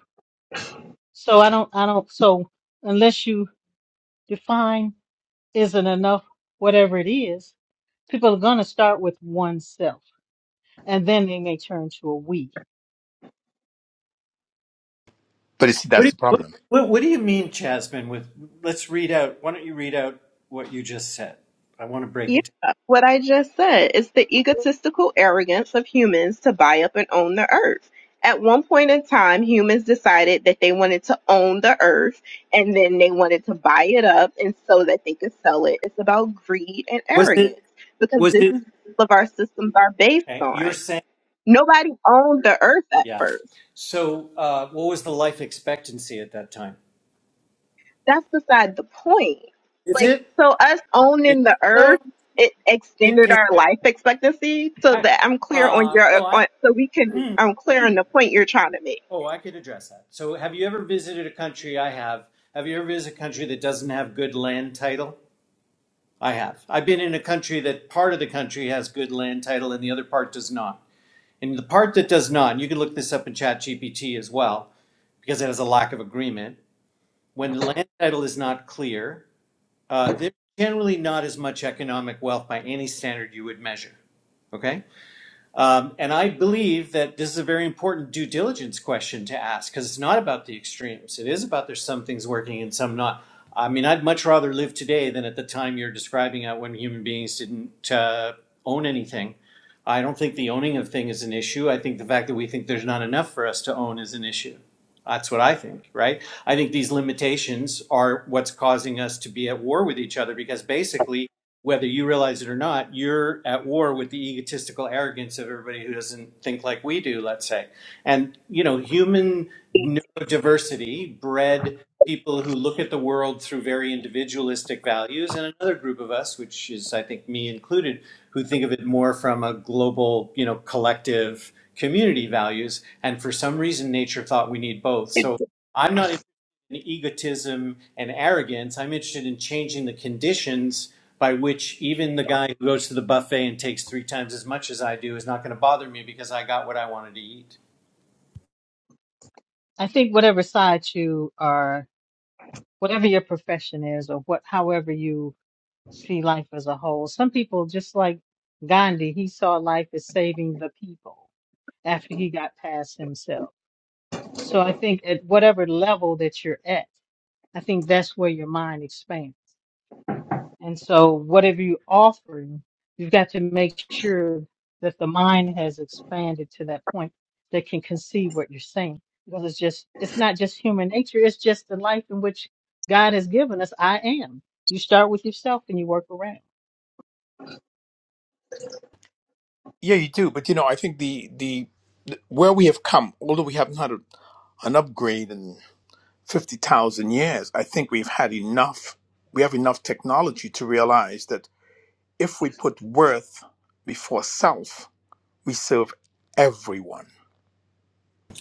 Speaker 5: So I don't I don't so unless you define isn't enough, whatever it is, people are going to start with oneself and then they may turn to a we.
Speaker 7: But you see,
Speaker 3: What do
Speaker 7: that's
Speaker 3: you,
Speaker 7: the
Speaker 3: what,
Speaker 7: problem.
Speaker 3: what, what do you mean, Jasmine? With let's read out. Why don't you read out what you just said? I want to break
Speaker 8: Yeah,
Speaker 3: it down.
Speaker 8: what I just said. It's the egotistical arrogance of humans to buy up and own the earth. At one point in time, humans decided that they wanted to own the earth and then they wanted to buy it up and so that they could sell it. It's about greed and
Speaker 3: Was it
Speaker 8: arrogance because
Speaker 3: was
Speaker 8: this
Speaker 3: it?
Speaker 8: is all of our systems are based
Speaker 3: okay, You're
Speaker 8: on.
Speaker 3: saying
Speaker 8: Nobody owned the earth at
Speaker 3: yeah.
Speaker 8: first.
Speaker 3: So uh, what was the life expectancy at that time?
Speaker 8: That's beside the point.
Speaker 3: Is
Speaker 8: Like,
Speaker 3: it?
Speaker 8: so us
Speaker 3: Is
Speaker 8: owning the
Speaker 3: it though?
Speaker 8: earth, it
Speaker 3: Can,
Speaker 8: extended
Speaker 3: can
Speaker 8: our
Speaker 3: you,
Speaker 8: life expectancy so
Speaker 3: I,
Speaker 8: that I'm clear on
Speaker 3: uh,
Speaker 8: your,
Speaker 3: oh, I,
Speaker 8: on, so we can, I'm clear on the point you're trying to make.
Speaker 3: (clears throat) oh, I could address that. So, have you ever visited a country? I have. Have you ever visited a country that doesn't have good land title? I have. I've been in a country that part of the country has good land title and the other part does not. And the part that does not, and you can look this up in ChatGPT as well, because it has a lack of agreement. When the land title is not clear, uh, there's generally not as much economic wealth by any standard you would measure. Okay Um, and I believe that this is a very important due diligence question to ask because it's not about the extremes. It is about there's some things working and some not. I mean, I'd much rather live today than at the time you're describing out when human beings didn't uh, own anything. I don't think the owning of thing is an issue. I think the fact that we think there's not enough for us to own is an issue. That's what I think, right? I think these limitations are what's causing us to be at war with each other because basically whether you realize it or not, you're at war with the egotistical arrogance of everybody who doesn't think like we do, let's say. And, you know, human neurodiversity bred people who look at the world through very individualistic values, and another group of us, which is, I think, me included, who think of it more from a global, you know, collective community values. And for some reason, nature thought we need both. So I'm not in egotism and arrogance. I'm interested in changing the conditions by which even the guy who goes to the buffet and takes three times as much as I do is not going to bother me because I got what I wanted to eat.
Speaker 5: I think whatever side you are, whatever your profession is, or what, however you see life as a whole, some people, just like Gandhi, he saw life as saving the people after he got past himself. So I think at whatever level that you're at, I think that's where your mind expands. And so, whatever you offer, you've got to make sure that the mind has expanded to that point that can conceive what you're saying. Because it's just, it's not just human nature, it's just the life in which God has given us. I am. You start with yourself and you work around.
Speaker 7: Yeah, you do. But you know, I think the the, the where we have come, although we haven't had a, an upgrade in fifty thousand years, I think we've had enough. We have enough technology to realize that if we put worth before self, we serve everyone.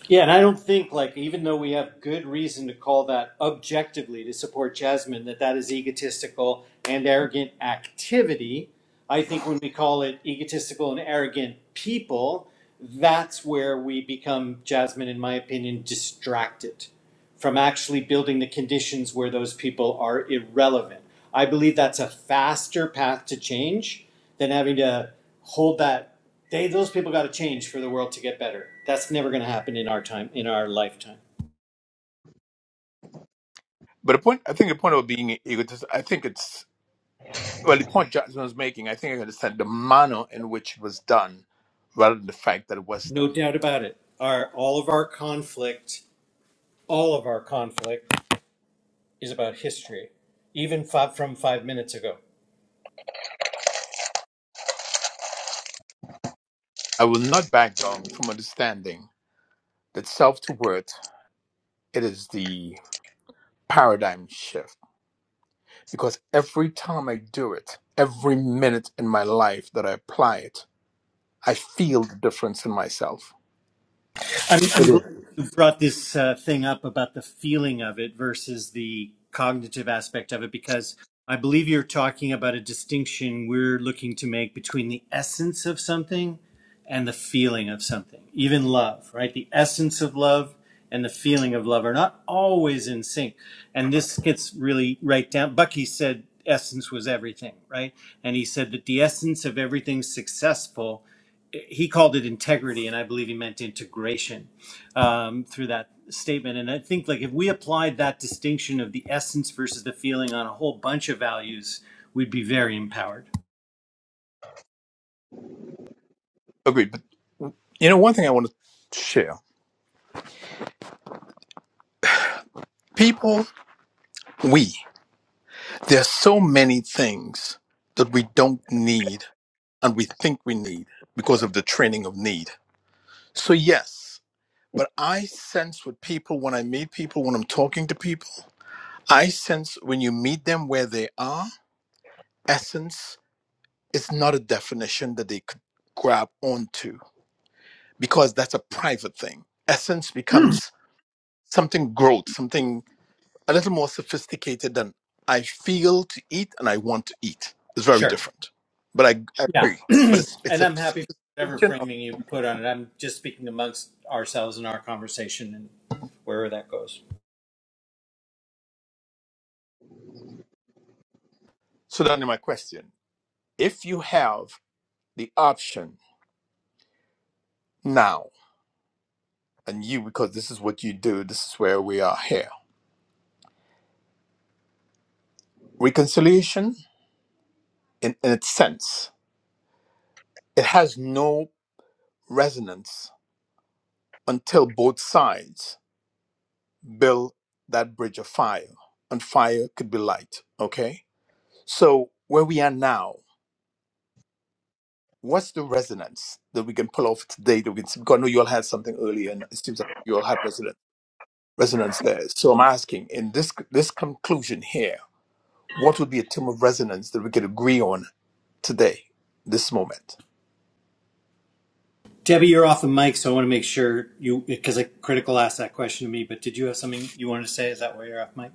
Speaker 3: Yeah, and I don't think like even though we have good reason to call that objectively to support Jasmine that that is egotistical and arrogant activity. I think when we call it egotistical and arrogant people, that's where we become Jasmine, in my opinion, distracted from actually building the conditions where those people are irrelevant. I believe that's a faster path to change than having to hold that they those people got to change for the world to get better. That's never going to happen in our time in our lifetime.
Speaker 7: But the point, I think, the point of being egotist, I think it's Well, the point Johnson was making, I think I understand the manner in which it was done rather than the fact that it was
Speaker 3: No
Speaker 7: done.
Speaker 3: doubt about it. Our all of our conflict, all of our conflict is about history, even five, from 5 minutes ago.
Speaker 7: I will not back down from understanding that self to worth, it is the paradigm shift. Because every time I do it, every minute in my life that I apply it, I feel the difference in myself.
Speaker 3: I'm, I'm glad you brought this uh, thing up about the feeling of it versus the cognitive aspect of it, because I believe you're talking about a distinction we're looking to make between the essence of something and the feeling of something, even love, right? The essence of love and the feeling of love are not always in sync. And this gets really right down. Bucky said essence was everything, right? And he said that the essence of everything successful he called it integrity, and I believe he meant integration um, through that statement. And I think like if we applied that distinction of the essence versus the feeling on a whole bunch of values, we'd be very empowered.
Speaker 7: Agreed. But you know, one thing I want to share people, we, There's so many things that we don't need and we think we need because of the training of need. So, yes, but I sense with people when I meet people, when I'm talking to people, I sense when you meet them where they are, essence is not a definition that they could grab onto because that's a private thing. Essence becomes something growth, something a little more sophisticated than I feel to eat and I want to eat. It's very
Speaker 3: Sure.
Speaker 7: different. But I, I
Speaker 3: Yeah,
Speaker 7: agree.
Speaker 3: (clears throat)
Speaker 7: But it's it's
Speaker 3: and
Speaker 7: a
Speaker 3: I'm happy for whatever
Speaker 7: sophistication. Of,
Speaker 3: framing you put on it. I'm just speaking amongst ourselves in our conversation and wherever that goes.
Speaker 7: so then, my question: If you have the option now, and you because this is what you do, this is where we are here. Reconciliation, in, in its sense, it has no resonance until both sides build that bridge of fire, and fire could be light. Okay, so where we are now what's the resonance that we can pull off today that we can Because I know you all had something earlier, and it seems like you all had resonance resonance there. So I'm asking in this this conclusion here, what would be a term of resonance that we could agree on today, this moment?
Speaker 3: Debbie, you're off the mic, so I want to make sure you because I critical asked that question to me. But did you have something you wanted to say? Is that why you're off mic,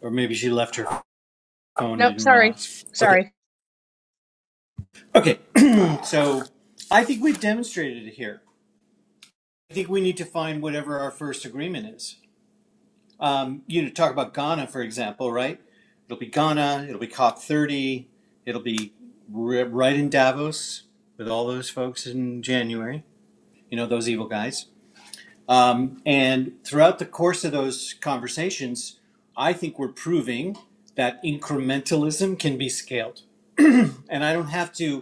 Speaker 3: or maybe she left her phone and
Speaker 1: Nope,
Speaker 3: didn't
Speaker 1: sorry.
Speaker 3: realize? Okay.
Speaker 1: Sorry.
Speaker 3: Okay, (clears throat) so I think we've demonstrated it here. I think we need to find whatever our first agreement is. Um, you know, talk about Ghana, for example, right? It'll be Ghana, it'll be COP30, it'll be r- right in Davos with all those folks in January, you know, those evil guys. Um, and throughout the course of those conversations, I think we're proving that incrementalism can be scaled (clears throat) and I don't have to.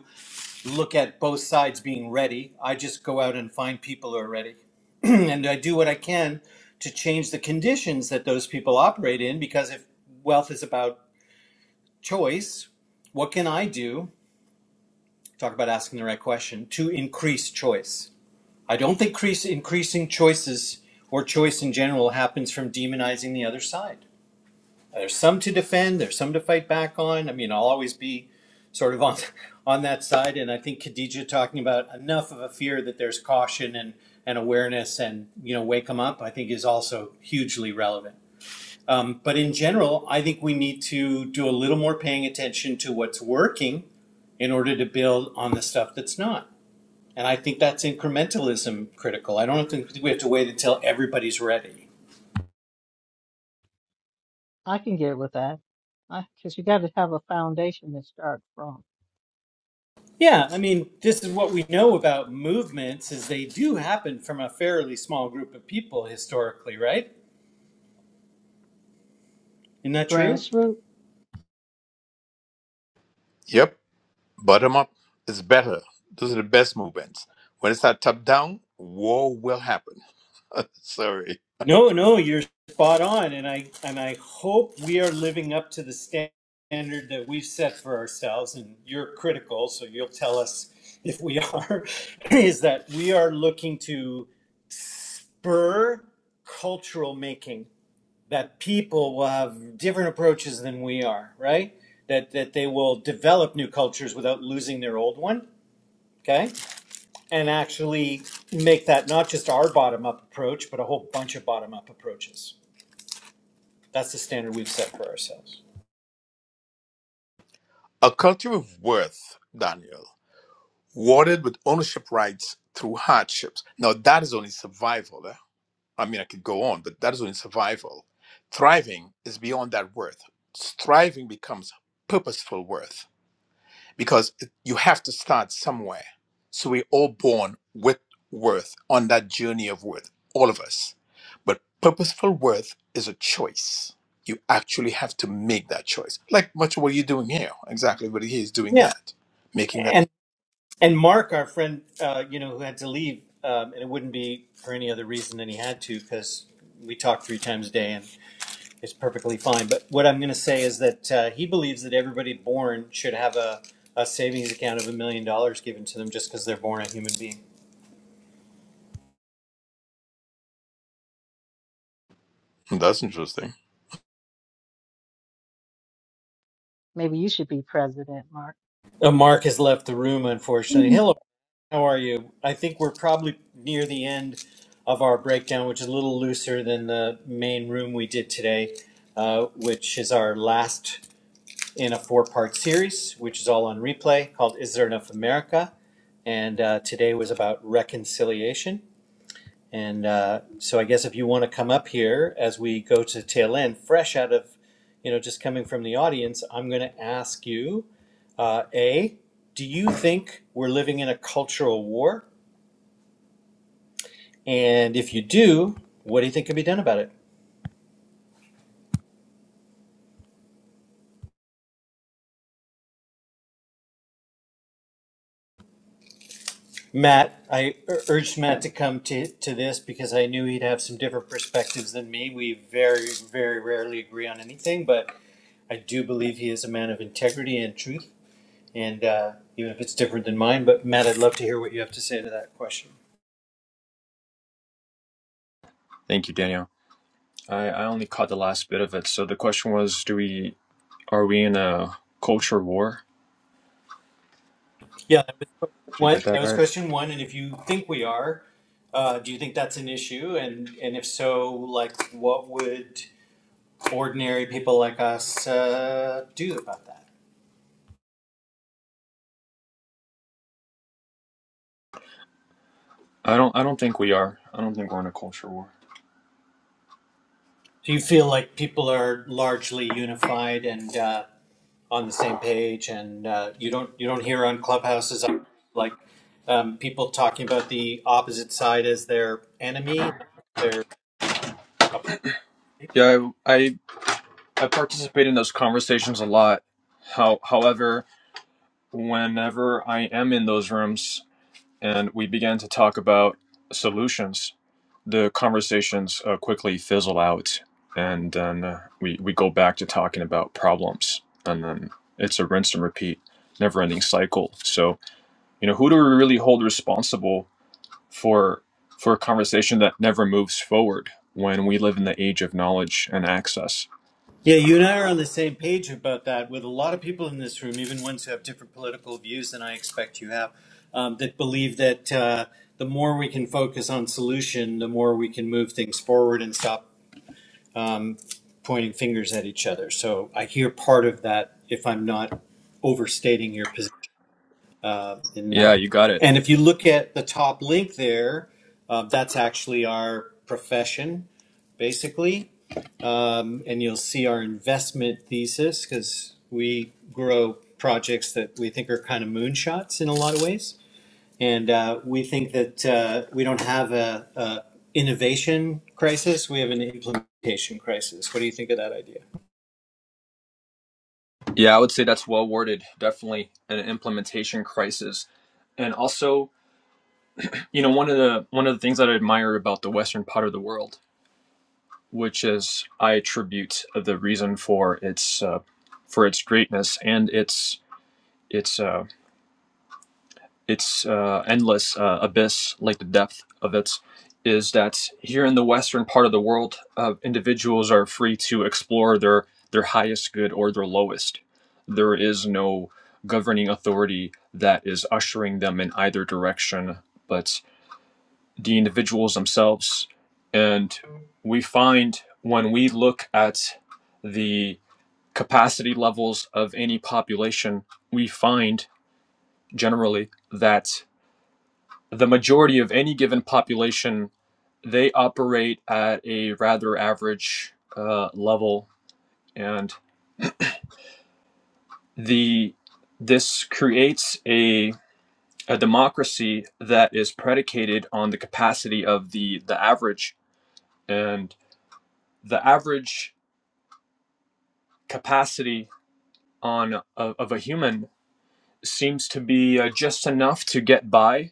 Speaker 3: look at both sides being ready. I just go out and find people who are ready. (clears throat) and I do what I can to change the conditions that those people operate in because if wealth is about choice, what can I do? Talk about asking the right question to increase choice. I don't think increase, increasing choices or choice in general happens from demonizing the other side. There's some to defend, there's some to fight back on. I mean, I'll always be sort of on (laughs) on that side. And I think Khadija talking about enough of a fear that there's caution and, and awareness and, you know, wake them up, I think is also hugely relevant. Um, but in general, I think we need to do a little more paying attention to what's working in order to build on the stuff that's not. And I think that's incrementalism critical. I don't think we have to wait until everybody's ready.
Speaker 5: I can get with that. Because you got to have a foundation to start from.
Speaker 3: Yeah, I mean, this is what we know about movements is they do happen from a fairly small group of people historically, right? Isn't that true?
Speaker 5: Grassroots.
Speaker 7: Yep, bottom up is better. Those are the best movements. When it's not top down, war will happen. (laughs) Sorry.
Speaker 3: No, no, you're spot on, and I and I hope we are living up to the sta- standard that we've set for ourselves. And you're critical, so you'll tell us (laughs) if we are. (laughs) Is that we are looking to spur cultural making that people will have different approaches than we are, right? That that they will develop new cultures without losing their old one, okay? And actually make that not just our bottom up approach, but a whole bunch of bottom up approaches. That's the standard we've set for ourselves.
Speaker 7: A culture of worth, Daniel, watered with ownership rights through hardships. Now that is only survival. I mean, I could go on, but that is only survival. Thriving is beyond that worth. Striving becomes purposeful worth because it- you have to start somewhere. So we're all born with worth on that journey of worth, all of us. But purposeful worth is a choice. You actually have to make that choice. Like much of what you're doing here, exactly what he is doing
Speaker 3: Yeah,
Speaker 7: that, making that.
Speaker 3: and and Mark, our friend, uh, you know, who had to leave, um, and it wouldn't be for any other reason than he had to, because we talk three times a day, and. It's perfectly fine. But what I'm going to say is that uh, he believes that everybody born should have a, a savings account of a million dollars given to them just because they're born a human being.
Speaker 7: That's interesting.
Speaker 5: Maybe you should be president, Mark.
Speaker 3: Uh, Mark has left the room, unfortunately.
Speaker 1: Mhm.
Speaker 3: Hello, how are you? I think we're probably near the end of our breakdown, which is a little looser than the main room we did today, uh, which is our last in a four part series, which is all on replay called Is There Enough America? And uh, today was about reconciliation. And uh, so I guess if you want to come up here as we go to the tail end, fresh out of, you know, just coming from the audience, I'm going to ask you, uh, A, do you think we're living in a cultural war? And if you do, what do you think can be done about it? Matt, I ur- urged Matt to come to, to this because I knew he'd have some different perspectives than me. We very, very rarely agree on anything, but I do believe he is a man of integrity and truth. and uh, even if it's different than mine. But Matt, I'd love to hear what you have to say to that question.
Speaker 9: Thank you, Daniel. I, I only caught the last bit of it. So the question was, do we are we in a culture war?
Speaker 3: Yeah, that was
Speaker 9: Did I
Speaker 3: one.
Speaker 9: get
Speaker 3: That
Speaker 9: that
Speaker 3: was
Speaker 9: right?
Speaker 3: question one. And if you think we are, uh, do you think that's an issue? And and if so, like, what would ordinary people like us uh, do about that?
Speaker 9: I don't I don't think we are. I don't think we're in a culture war.
Speaker 3: Do you feel like people are largely unified and uh, on the same page? And uh, you don't you don't hear on clubhouses like um, people talking about the opposite side as their enemy, their
Speaker 9: Yeah, I I, I participate in those conversations a lot. How however, whenever I am in those rooms and we begin to talk about solutions, the conversations uh, quickly fizzle out, and then uh, we we go back to talking about problems, and then it's a rinse and repeat, never-ending cycle. So you know, who do we really hold responsible for for a conversation that never moves forward when we live in the age of knowledge and access?
Speaker 3: Yeah, you and I are on the same page about that with a lot of people in this room, even ones who have different political views than I expect you have, um, that believe that uh, the more we can focus on solution, the more we can move things forward and stop pointing fingers at each other. So I hear part of that if I'm not overstating your position uh, in
Speaker 9: Yeah,
Speaker 3: that.
Speaker 9: you got it.
Speaker 3: And if you look at the top link there, uh, that's actually our profession, basically um, and you'll see our investment thesis because we grow projects that we think are kind of moonshots in a lot of ways. And uh, we think that uh, we don't have a, a innovation crisis; we have an implementation crisis. What do you think of that idea?
Speaker 9: Yeah, I would say that's well worded. Definitely an implementation crisis, and also you know one of the one of the things that I admire about the western part of the world which is I attribute the reason for its uh, for its greatness and its its uh, its uh, endless uh, abyss, like the depth of it, is that here in the western part of the world, uh, individuals are free to explore their their highest good or their lowest. There is no governing authority that is ushering them in either direction, but the individuals themselves. And we find when we look at the capacity levels of any population, we find generally that the majority of any given population they operate at a rather average uh, level, and the this creates a a democracy that is predicated on the capacity of the the average and the average capacity on of, of a human seems to be uh, just enough to get by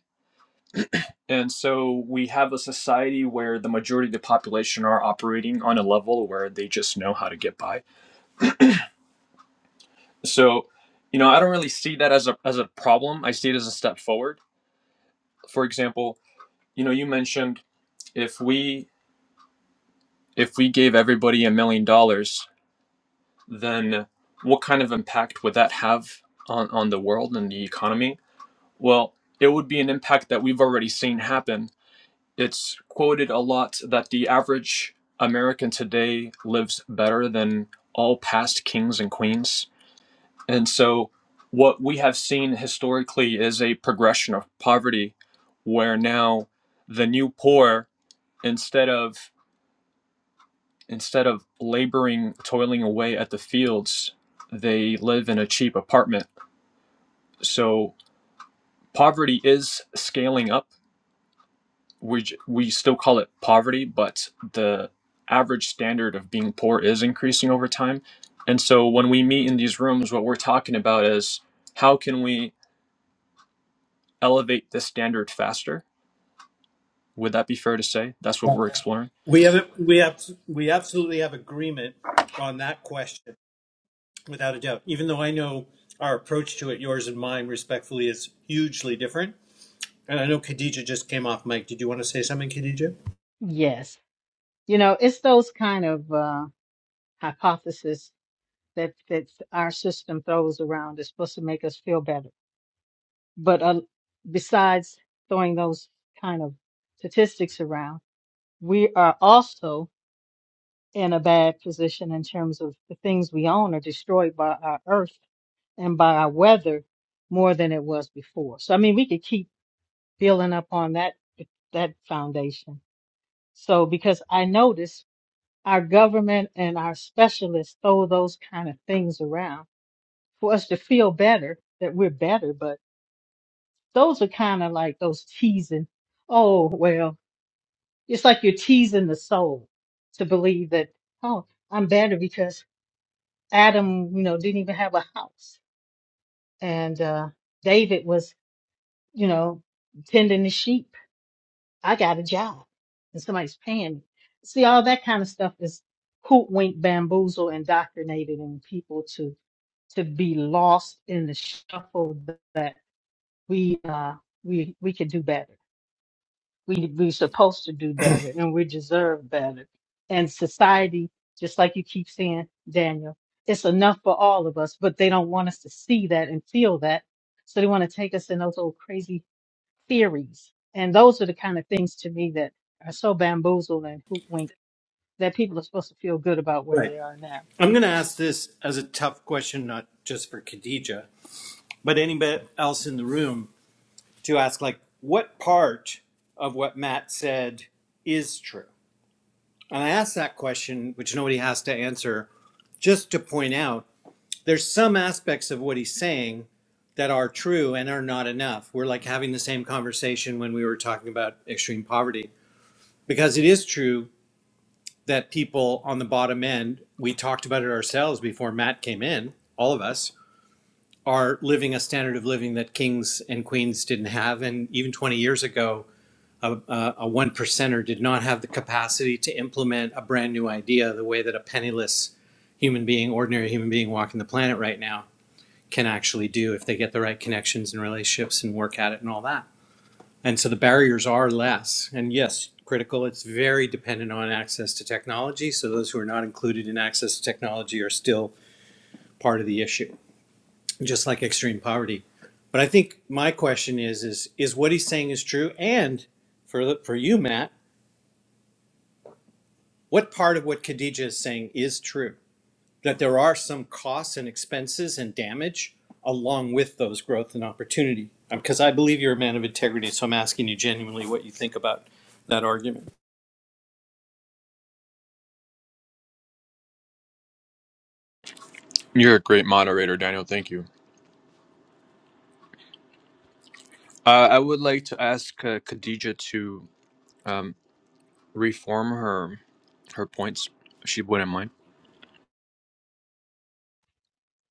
Speaker 9: and so we have a society where the majority of the population are operating on a level where they just know how to get by so you know i don't really see that as a as a problem i see it as a step forward for example you know you mentioned if we if we gave everybody a million dollars then what kind of impact would that have on on the world and the economy Well, it would be an impact that we've already seen happen. It's quoted a lot that the average American today lives better than all past kings and queens. And so, what we have seen historically is a progression of poverty where now the new poor, instead of instead of laboring toiling away at the fields they live in a cheap apartment so poverty is scaling up we we still call it poverty, but the average standard of being poor is increasing over time. And so when we meet in these rooms, what we're talking about is how can we elevate the standard faster? Would that be fair to say? That's what we're exploring.
Speaker 3: We have we have we absolutely have agreement on that question without a doubt. Even though I know our approach to it, yours and mine, respectfully, is hugely different. And I know Khadija just came off mic. Did you want to say something, Khadija?
Speaker 5: Yes. You know, it's those kind of uh, hypotheses that, that our system throws around. It's supposed to make us feel better. But uh, besides throwing those kind of statistics around, we are also in a bad position in terms of the things we own are destroyed by our earth and by our weather more than it was before. So I mean, we could keep building up on that that foundation. So because I notice our government and our specialists throw those kind of things around for us to feel better that we're better, but those are kind of like those teasing. Oh well, it's like you're teasing the soul to believe that oh I'm better because Adam, you know, didn't even have a house. And uh, David was, you know, tending the sheep. I got a job and somebody's paying me. See, all that kind of stuff is hoodwink, bamboozle, indoctrinated in people to to be lost in the shuffle that we uh we we could do better. we we supposed to do better and we deserve better. And society, just like you keep saying, Daniel, it's enough for all of us, but they don't want us to see that and feel that. So they want to take us in those old crazy theories. And those are the kind of things to me that are so bamboozled and hoodwinked that people are supposed to feel good about where
Speaker 3: Right.
Speaker 5: they are now.
Speaker 3: I'm going to ask this as a tough question, not just for Khadija, but anybody else in the room to ask, like, what part of what Matt said is true? And I ask that question, which nobody has to answer, just to point out there's some aspects of what he's saying that are true and are not enough. We're like having the same conversation when we were talking about extreme poverty, because it is true that people on the bottom end, we talked about it ourselves before Matt came in, all of us are living a standard of living that kings and queens didn't have. And even 20 years ago, a, a, one percenter did not have the capacity to implement a brand new idea the way that a penniless human being, ordinary human being walking the planet right now can actually do if they get the right connections and relationships and work at it and all that. And so the barriers are less. And yes, critical, it's very dependent on access to technology. So those who are not included in access to technology are still part of the issue just like extreme poverty. But I think my question is is is what he's saying is true, and for the- for you, Matt, what part of what Khadija is saying is true? That there are some costs and expenses and damage along with those growth and opportunity. Because I believe you're a man of integrity, so I'm asking you genuinely what you think about that argument.
Speaker 9: You're a great moderator, Daniel. Thank you. Uh, I would like to ask uh, Khadija to um, reform her her points. If she wouldn't mind.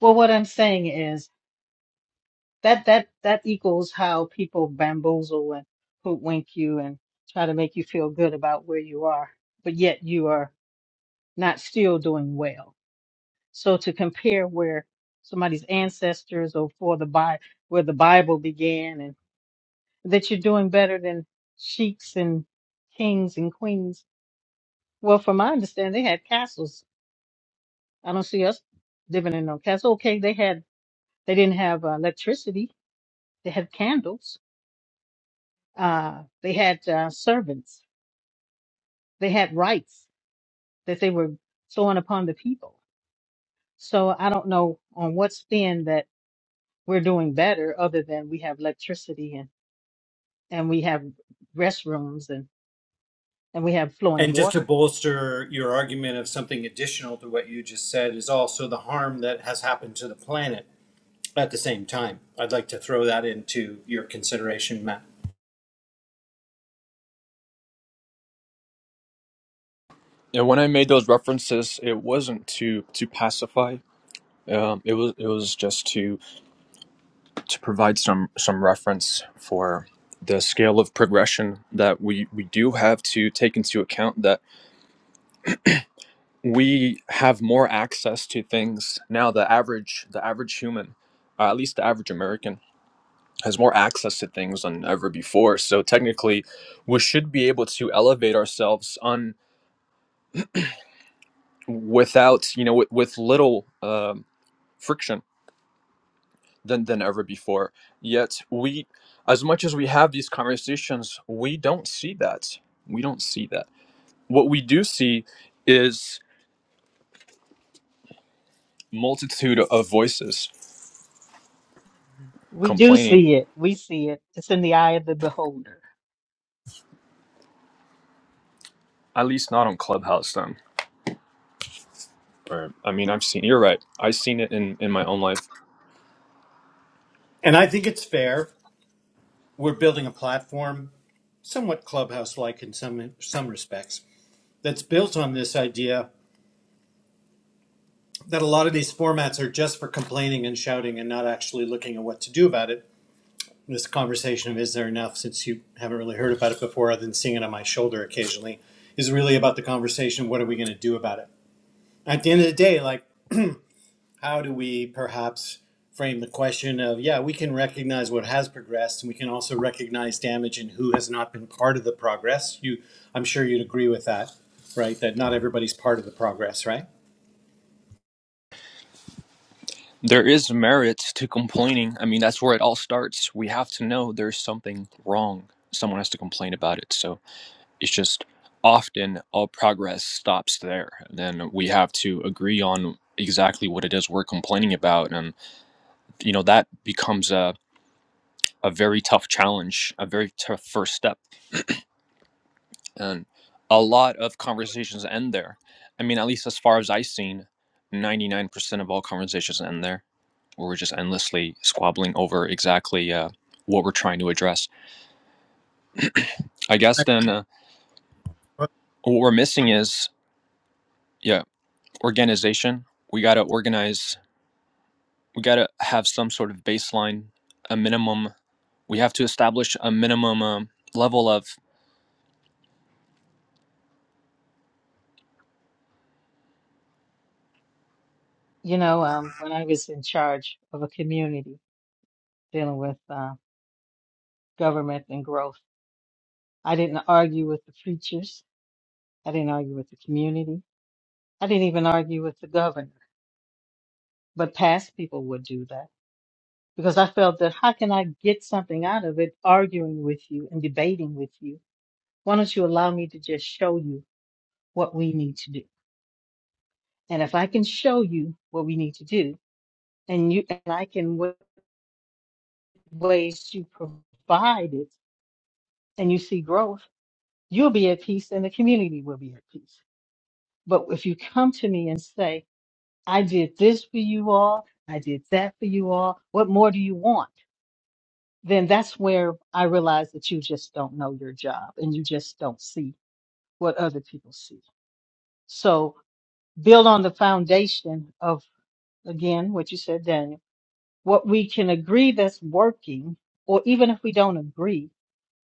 Speaker 5: Well, what I'm saying is that that that equals how people bamboozle and hoodwink you and try to make you feel good about where you are, but yet you are not still doing well. So to compare where somebody's ancestors or for the Bi where the Bible began and that you're doing better than sheiks and kings and queens. Well, from my understanding, they had castles. I don't see us living in no castle. Okay, they had they didn't have uh, electricity. They had candles Uh, they had uh, servants. They had rights that they were throwing upon the people. So I don't know on what spin that we're doing better other than we have electricity and, and we have restrooms and, and we have flowing
Speaker 3: And just to
Speaker 5: water.
Speaker 3: bolster your argument of something additional to what you just said is also the harm that has happened to the planet at the same time. I'd like to throw that into your consideration, Matt.
Speaker 9: And when I made those references, it wasn't to to pacify. Um, it was it was just to to provide some some reference for the scale of progression that we we do have to take into account that we have more access to things now the average the average human uh, at least the average american has more access to things than ever before so technically we should be able to elevate ourselves on without you know with, with little um friction than than ever before. Yet we, as much as we have these conversations, we don't see that. We don't see that. What we do see is multitude of voices
Speaker 5: We do
Speaker 9: complaining.
Speaker 5: see it. We see it. It's in the eye of the beholder.
Speaker 9: At least not on Clubhouse, then. Or I mean, I've seen. You're right. I've seen it in in my own life.
Speaker 3: And I think it's fair. We're building a platform, somewhat clubhouse like in some some respects, that's built on this idea that a lot of these formats are just for complaining and shouting and not actually looking at what to do about it. This conversation of is there enough, since you haven't really heard about it before other than seeing it on my shoulder occasionally, is really about the conversation what are we going to do about it? At the end of the day, like (clears throat) how do we perhaps frame the question of yeah we can recognize what has progressed and we can also recognize damage and who has not been part of the progress you i'm sure you'd agree with that right that not everybody's part of the progress right
Speaker 9: There is merit to complaining. I mean, that's where it all starts. We have to know there's something wrong. Someone has to complain about it. So. it's just often all progress stops there and then we have to agree on exactly what it is we're complaining about and you know that becomes a, a very tough challenge a very tough first step and a lot of conversations end there i mean at least as far as i've seen 99% of all conversations end there where we're just endlessly squabbling over exactly uh, what we're trying to address (clears throat) i guess then uh, what we're missing is yeah organization we got to organize we got to have some sort of baseline, a minimum. We have to establish a minimum um, level of.
Speaker 5: You know, um, when I was in charge of a community dealing with uh, government and growth, I didn't argue with the preachers. I didn't argue with the community. I didn't even argue with the governor. But past people would do that because I felt that how can I get something out of it arguing with you and debating with you? Why don't you allow me to just show you what we need to do? And if I can show you what we need to do and you and I can w- ways to provide it and you see growth, you'll be at peace and the community will be at peace. But if you come to me and say, I did this for you all, I did that for you all, what more do you want? then that's where I realized that you just don't know your job and you just don't see what other people see. So build on the foundation of, again, what you said, Daniel, what we can agree that's working, or even if we don't agree,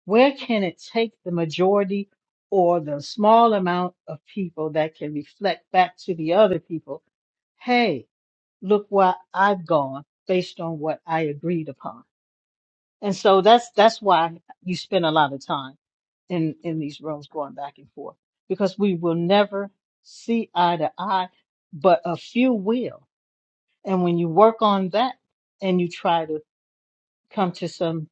Speaker 5: where can it take the majority or the small amount of people that can reflect back to the other people? Hey, look where I've gone based on what I agreed upon And so that's that's why you spend a lot of time in in these rooms going back and forth because we will never see eye to eye, but a few will. And when you work on that and you try to come to some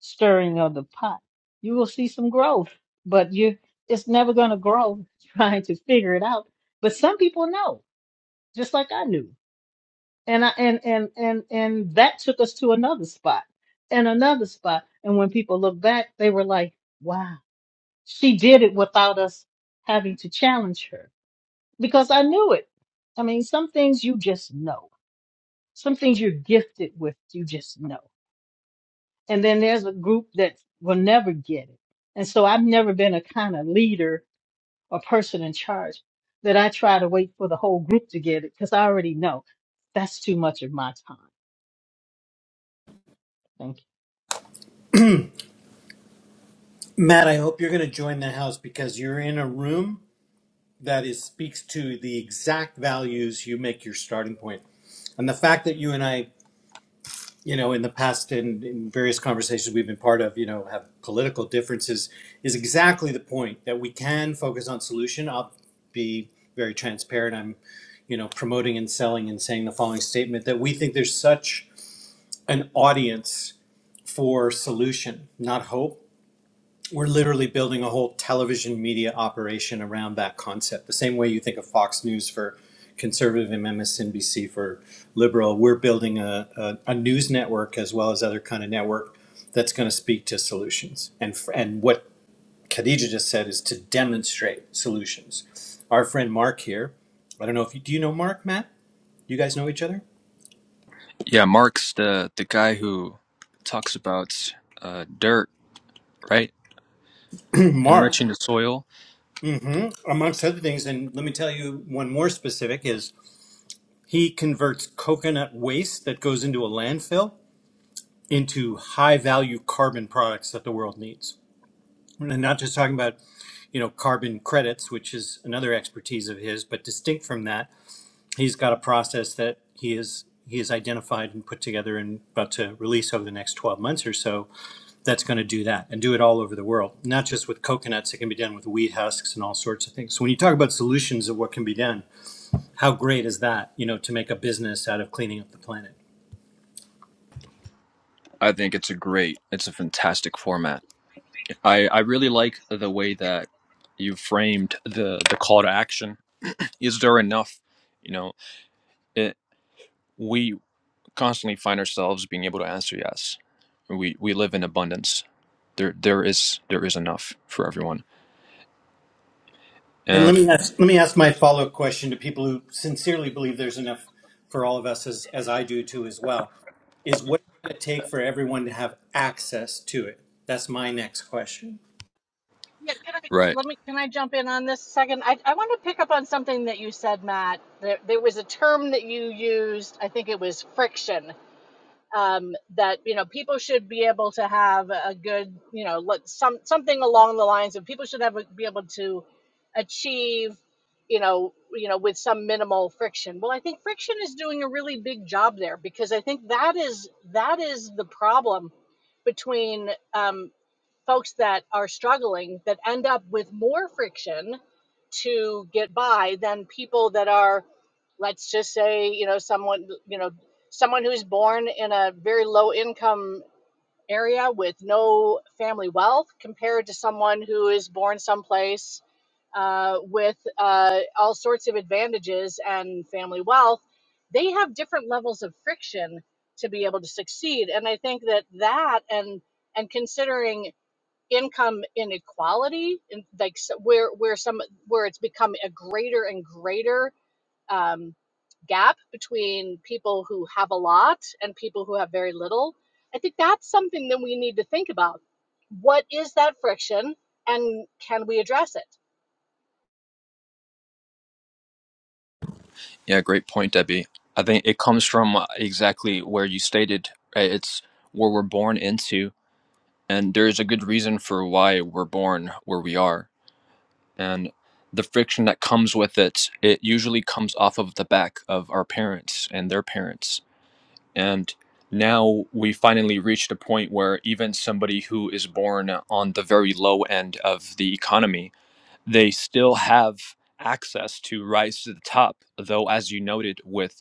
Speaker 5: stirring of the pot, you will see some growth. But you it's never going to grow (laughs) trying to figure it out. But some people know, just like I knew. And I and and and and that took us to another spot and another spot. And when people look back, they were like, "Wow, she did it without us having to challenge her." Because I knew it. I mean, some things you just know. Some things you're gifted with, you just know. And then there's a group that will never get it. And so I've never been a kind of leader or person in charge that I try to wait for the whole group to get it because I already know that's too much of my time. Thank you.
Speaker 3: Matt, I hope you're going to join the house because you're in a room that is speaks to the exact values you make your starting point. And the fact that you and I you know, in the past and in various conversations we've been part of, you know, have political differences is exactly the point that we can focus on solution. I'll be very transparent. I'm, you know, promoting and selling and saying the following statement that we think there's such an audience for solution, not hope we're literally building a whole television media operation around that concept. The same way you think of Fox News for conservative and MSNBC for liberal, we're building a, a, a news network as well as other kind of network that's going to speak to solutions. And f- and what Khadija just said is to demonstrate solutions. Our friend Mark here, I don't know if you do you know Mark, Matt? You guys know each other?
Speaker 9: Yeah, Marx, the the guy who talks about uh, dirt, right?
Speaker 3: (clears throat) Mark,
Speaker 9: Enriching the soil.
Speaker 3: hmm amongst other things, and let me tell you one more specific is He converts coconut waste that goes into a landfill into high value carbon products that the world needs. And I'm not just talking about, you know, carbon credits, which is another expertise of his, but distinct from that, he's got a process that he is he has identified and put together and about to release over the next 12 months or so that's going to do that and do it all over the world not just with coconuts it can be done with wheat husks and all sorts of things so when you talk about solutions of what can be done how great is that you know to make a business out of cleaning up the planet
Speaker 9: I think it's a great, it's a fantastic format. I I really like the way that you framed the the call to action. Is there enough? You know, it, we constantly find ourselves being able to answer yes. We we live in abundance. There there is there is enough for everyone
Speaker 3: And let
Speaker 9: And
Speaker 3: me ask, let me ask my follow up question to people who sincerely believe there's enough for all of us, as, as I do too, as well, is what it's going to take for everyone to have access to it? That's my next question.
Speaker 1: Yeah, can I
Speaker 9: right.
Speaker 1: let me can I jump in on this a second? I I want to pick up on something that you said, Matt. There there was a term that you used. I think it was friction, um, that you know people should be able to have a good you know let some something along the lines of people should have be able to achieve you know you know with some minimal friction well i think friction is doing a really big job there because i think that is that is the problem between um, folks that are struggling that end up with more friction to get by than people that are let's just say you know someone you know someone who's born in a very low income area with no family wealth compared to someone who is born someplace uh, with uh, all sorts of advantages and family wealth they have different levels of friction to be able to succeed and i think that that and and considering income inequality and like s where where some where it's become a greater and greater um, gap between people who have a lot and people who have very little i think that's something that we need to think about what is that friction and can we address it
Speaker 9: Yeah, great point, Debbie. I think it comes from uh, exactly where you stated. right? It's where we're born into, and there is a good reason for why we're born where we are. And the friction that comes with it, it usually comes off of the back of our parents and their parents. And now we finally reached a point where even somebody who is born on the very low end of the economy they still have access to rise to the top, though, as you noted, with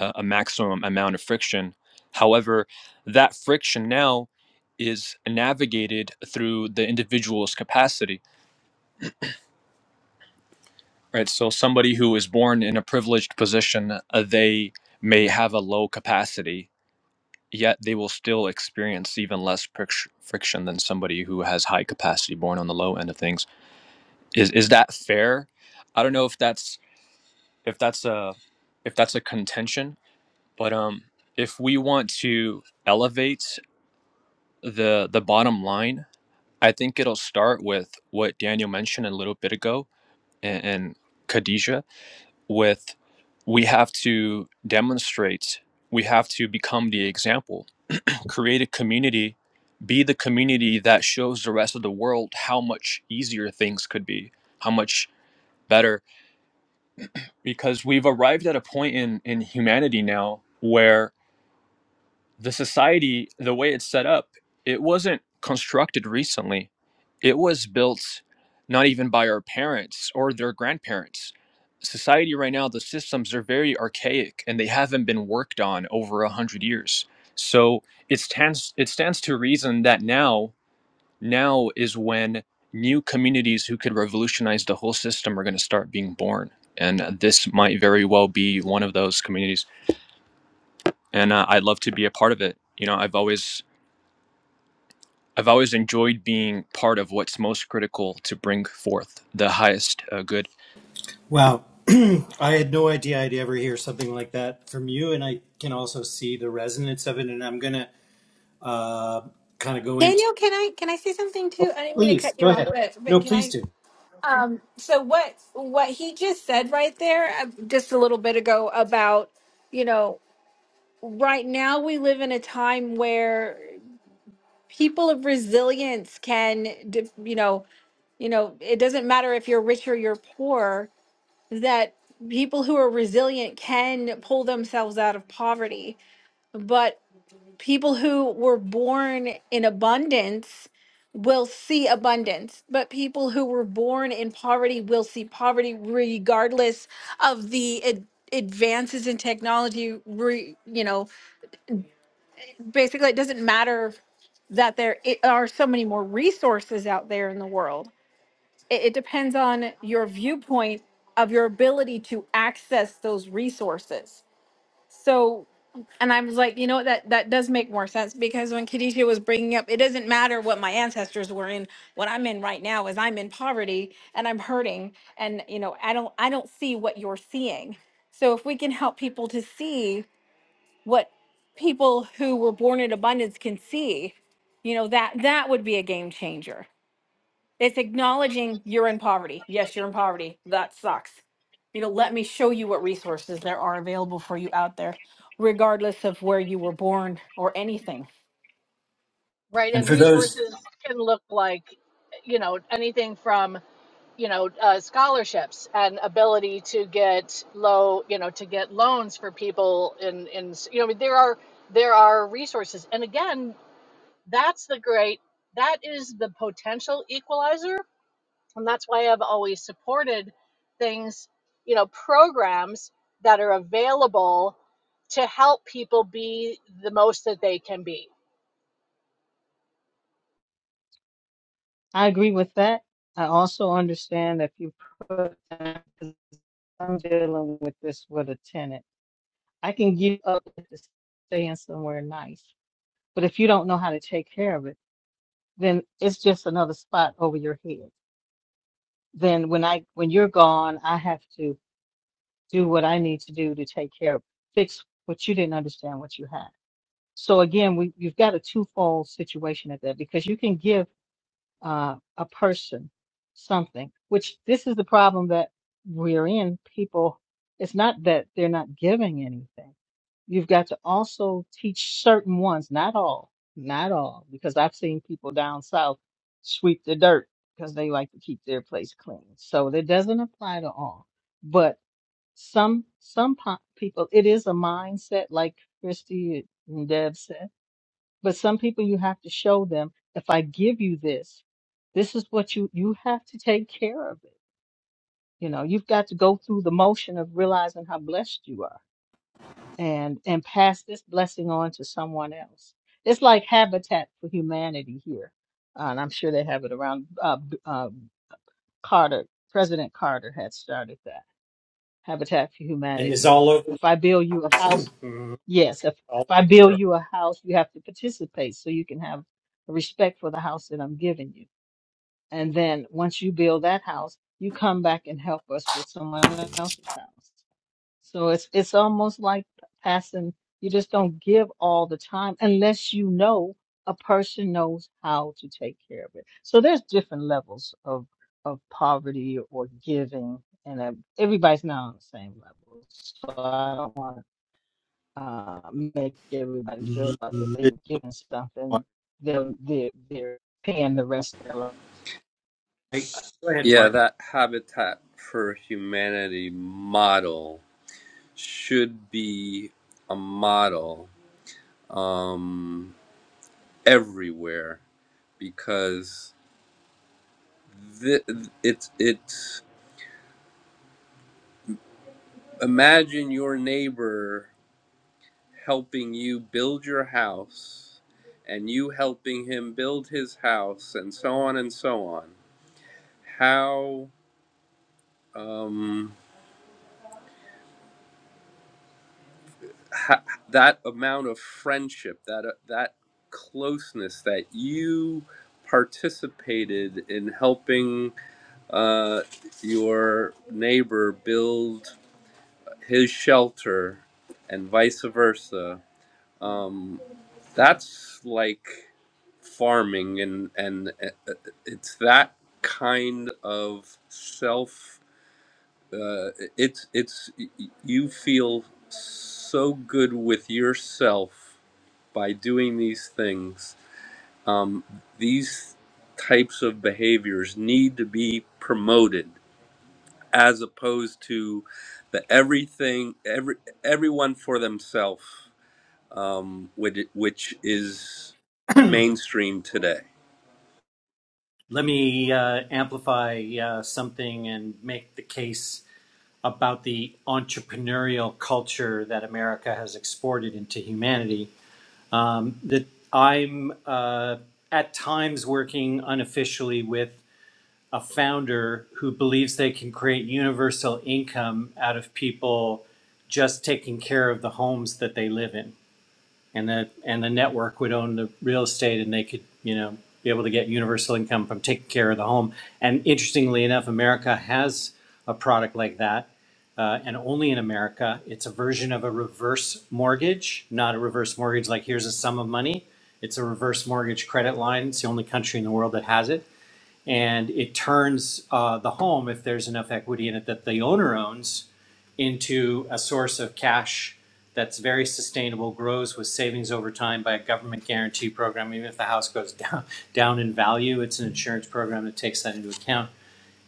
Speaker 9: uh, a maximum amount of friction. However, that friction now is navigated through the individual's capacity, right? So, somebody who is born in a privileged position, uh, they may have a low capacity, yet they will still experience even less fric- friction than somebody who has high capacity born on the low end of things. Is is that fair? I don't know if that's if that's a if that's a contention but um if we want to elevate the the bottom line i think it'll start with what daniel mentioned a little bit ago and, and khadijah with we have to demonstrate we have to become the example create a community be the community that shows the rest of the world how much easier things could be how much better because we've arrived at a point in in humanity now where the society, the way it's set up, it wasn't constructed recently. It was built not even by our parents or their grandparents. Society right now, the systems are very archaic and they haven't been worked on over a hundred years. So it stands it stands to reason that now now is when new communities who could revolutionize the whole system are going to start being born, and uh, this might very well be one of those communities. And uh, I'd love to be a part of it. You know, I've always I've always enjoyed being part of what's most critical to bring forth the highest uh, good.
Speaker 3: Wow. (clears throat) I had no idea I'd ever hear something like that from you. And I can also see the resonance of it. And I'm going to uh, kind of go into.
Speaker 2: Daniel, can I can I say something too?
Speaker 3: Oh,
Speaker 2: I didn't mean to
Speaker 3: please,
Speaker 2: cut you
Speaker 3: go
Speaker 2: off,
Speaker 3: ahead.
Speaker 2: but but
Speaker 3: No,
Speaker 2: can
Speaker 3: please
Speaker 2: I?
Speaker 3: do.
Speaker 2: Um. So what what he just said right there, uh, just a little bit ago about you know right now we live in a time where people of resilience can d- you know you know it doesn't matter if you're rich or you're poor that people who are resilient can pull themselves out of poverty, but people who were born in abundance will see abundance, but people who were born in poverty will see poverty regardless of the ad- advances in technology. Re- you know, basically, it doesn't matter that there i- are so many more resources out there in the world it, it depends on your viewpoint of your ability to access those resources. So, and I was like, you know, what, that that does make more sense because when Khadijah was bringing up, it doesn't matter what my ancestors were in. What I'm in right now is I'm in poverty and I'm hurting, and you know, I don't I don't see what you're seeing. So if we can help people to see what people who were born in abundance can see, you know, that that would be a game changer it's acknowledging you're in poverty. Yes, you're in poverty. That sucks. You know, let me show you what resources there are available for you out there, regardless of where you were born or anything.
Speaker 1: right
Speaker 3: And
Speaker 1: and
Speaker 3: for those,
Speaker 1: resources can look like you know anything from you know uh, scholarships and ability to get low you know to get loans for people in in you know I mean, there are there are resources and again that's the great that is the potential equalizer and that's why I've always supported things you know programs that are available to help people be the most that they can be
Speaker 5: I agree with that. I also understand if you put that, 'cause I'm dealing with this with a tenant. I can give up to staying somewhere nice, but if you don't know how to take care of it, then it's just another spot over your head. Then when I when you're gone, I have to do what I need to do to take care of fix what you didn't understand what you had. So again, we you've got a twofold situation at that because you can give uh, a person, something, which this is the problem that we're in. People, it's not that they're not giving anything. You've got to also teach certain ones, not all, not all, because I've seen people down south sweep the dirt because they like to keep their place clean. So that doesn't apply to all, but some, some po- people, it is a mindset like Christy and Deb said but some people you have to show them if I give you this, this is what you you have to take care of it. You know, you've got to go through the motion of realizing how blessed you are and and pass this blessing on to someone else. It's like Habitat for Humanity here. Uh, and I'm sure they have it around uh, B- uh, Carter, President Carter had started that Habitat for
Speaker 3: And it's
Speaker 5: Humanity.
Speaker 3: all over.
Speaker 5: If I build you a house Yes, if,
Speaker 3: (clears throat) all
Speaker 5: if I build
Speaker 3: over.
Speaker 5: you a house, you have to participate so you can have respect for the house that I'm giving you. And then once you build that house, you come back and help us with someone else's house. So it's it's almost like passing, you just don't give all the time unless you know a person knows how to take care of it. So there's different levels of of poverty or giving and uh, everybody's not on the same level. So I don't want uh, make everybody feel like if they're given something, they're, they're, they're paying the rest of their life.
Speaker 3: Go ahead,
Speaker 4: Yeah,
Speaker 3: Mark.
Speaker 4: that Habitat for Humanity model should be a model um, everywhere because th- it's, it's, imagine your neighbor helping you build your house and you helping him build his house and so on and so on how um ha- that amount of friendship that uh, that closeness that you participated in helping uh, your neighbor build his shelter and vice versa Um, that's like farming, and and uh, uh, it's that kind of self. Uh, it's it's you feel so good with yourself by doing these things. Um, these types of behaviors need to be promoted as opposed to the everything every everyone for themselves um, which, which is mainstream today.
Speaker 3: Let me uh, amplify uh, something and make the case about the entrepreneurial culture that America has exported into humanity. Um, that I'm uh, at times working unofficially with a founder who believes they can create universal income out of people just taking care of the homes that they live in and the and the network would own the real estate and they could you know be able to get universal income from taking care of the home and interestingly enough america has a product like that uh, and only in america it's a version of a reverse mortgage not a reverse mortgage like here's a sum of money it's a reverse mortgage credit line it's the only country in the world that has it and it turns uh, the home, if there's enough equity in it that the owner owns, into a source of cash that's very sustainable, grows with savings over time by a government guarantee program. Even if the house goes (laughs) down, down in value, it's an insurance program that takes that into account.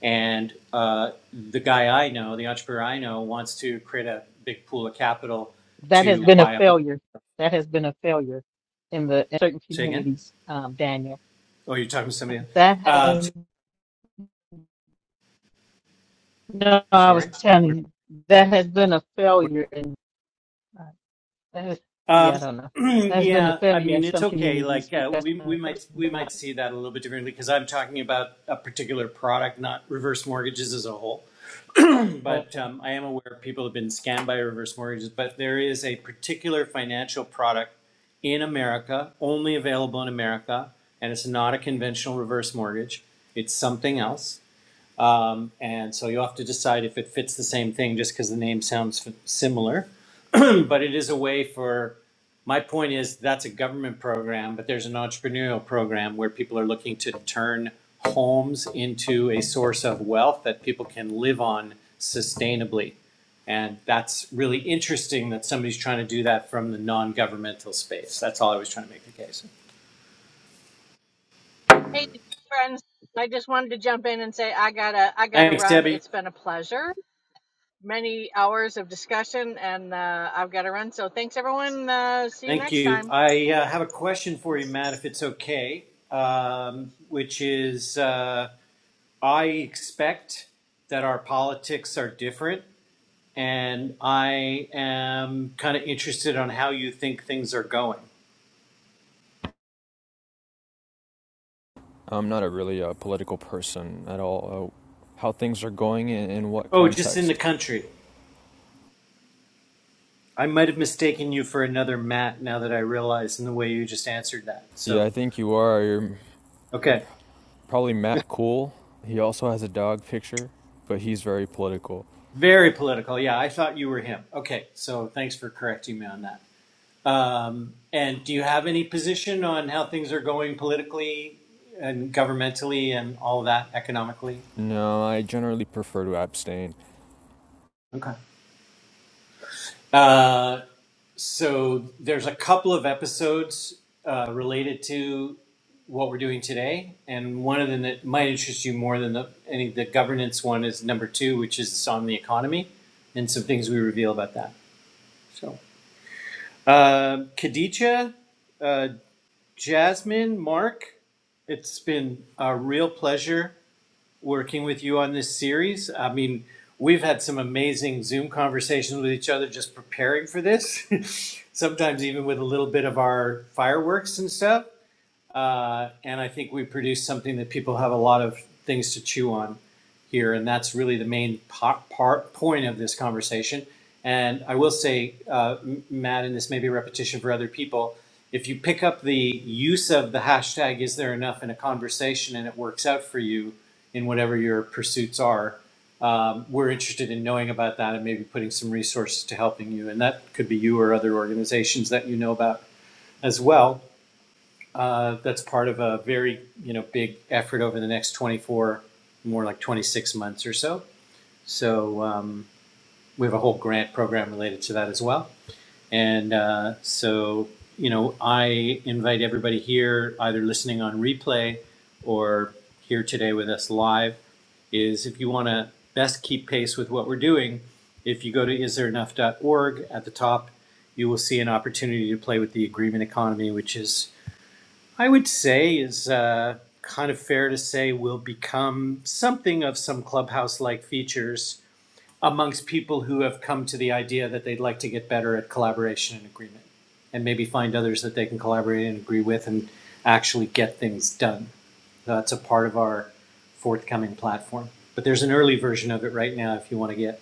Speaker 3: And uh, the guy I know, the entrepreneur I know, wants to create a big pool of capital
Speaker 5: That has
Speaker 3: to
Speaker 5: been a
Speaker 3: buy up. A,
Speaker 5: failure. That has been a failure in the in certain
Speaker 3: say again?
Speaker 5: communities, um, Daniel.
Speaker 3: Oh, you're talking to somebody else?
Speaker 5: That
Speaker 3: Uh,
Speaker 5: has, no, I was
Speaker 3: sorry,
Speaker 5: telling
Speaker 3: we're,
Speaker 5: you, that has been a failure in, uh, that is, yeah, I
Speaker 3: Um,
Speaker 5: don't know.
Speaker 3: (clears throat)
Speaker 5: That's been a
Speaker 3: yeah, I
Speaker 5: failure in
Speaker 3: mean it's
Speaker 5: some
Speaker 3: okay.
Speaker 5: communities
Speaker 3: Like uh,
Speaker 5: because
Speaker 3: we
Speaker 5: when
Speaker 3: we
Speaker 5: a
Speaker 3: might
Speaker 5: person
Speaker 3: we might see that a little bit differently because I'm talking about a particular product, not reverse mortgages as a whole. (clears throat) But
Speaker 5: dies,
Speaker 3: um, I am aware people have been scammed by reverse mortgages. But there is a particular financial product in America, only available in America, and it's not a conventional reverse mortgage. It's something else um, and so you'll have to decide if it fits the same thing just because the name sounds f- similar. (clears throat) but it is a way for, my point is that's a government program, but there's an entrepreneurial program where people are looking to turn homes into a source of wealth that people can live on sustainably. And that's really interesting that somebody's trying to do that from the non governmental space. That's all I was trying to make the case.
Speaker 1: hey friends I just wanted to jump in and say I gotta I gotta
Speaker 3: Thanks,
Speaker 1: run
Speaker 3: Debbie.
Speaker 1: it's been a pleasure many hours of discussion, and uh, I've got to run. So thanks, everyone. Uh, see you
Speaker 3: Thank
Speaker 1: next
Speaker 3: you.
Speaker 1: time.
Speaker 3: I uh, have a question for you, Matt, if it's okay, um, which is uh, I expect that our politics are different, and I am kind of interested on how you think things are going.
Speaker 9: I'm not a really uh, political person at all. Uh, how things are going and in what
Speaker 3: Oh, just in the
Speaker 9: context?
Speaker 3: country. I might have mistaken you for another Matt now that I realize in the way you just answered that.
Speaker 9: Yeah,
Speaker 3: So,
Speaker 9: I think you are. You're
Speaker 3: okay.
Speaker 9: probably Matt Cool. He also has a dog picture, but he's very political.
Speaker 3: Very political. Yeah, I thought you were him. Okay, so thanks for correcting me on that. Um, and do you have any position on how things are going politically and governmentally and all of that economically?
Speaker 9: No, I generally prefer to abstain.
Speaker 3: Okay. Uh, so there's a couple of episodes uh, related to what we're doing today, and one of them that might interest you more than the any the governance one is number two, which is on the economy and some things we reveal about that. So, uh, Khadija, uh, Jasmine, Mark, it's been a real pleasure working with you on this series. I mean, we've had some amazing Zoom conversations with each other just preparing for this, (laughs) sometimes even with a little bit of our fireworks and stuff. Uh, and I think we produce something that people have a lot of things to chew on here, and that's really the main part, part point of this conversation. And I will say, uh, Matt, and this may be a repetition for other people, if you pick up the use of the hashtag "Is there enough" in a conversation and it works out for you in whatever your pursuits are, um, we're interested in knowing about that and maybe putting some resources to helping you. And that could be you or other organizations that you know about as well. Uh, that's part of a very, you know, big effort over the next 24, more like 26 months or so. So um, we have a whole grant program related to that as well. And uh, so, you know, I invite everybody here, either listening on replay or here today with us live, is if you want to best keep pace with what we're doing, if you go to istthereenough.org at the top, you will see an opportunity to play with the agreement economy, which is I would say is uh, kind of fair to say will become something of some clubhouse like features amongst people who have come to the idea that they'd like to get better at collaboration and agreement and maybe find others that they can collaborate and agree with and actually get things done. That's a part of our forthcoming platform. But there's an early version of it right now if you want to get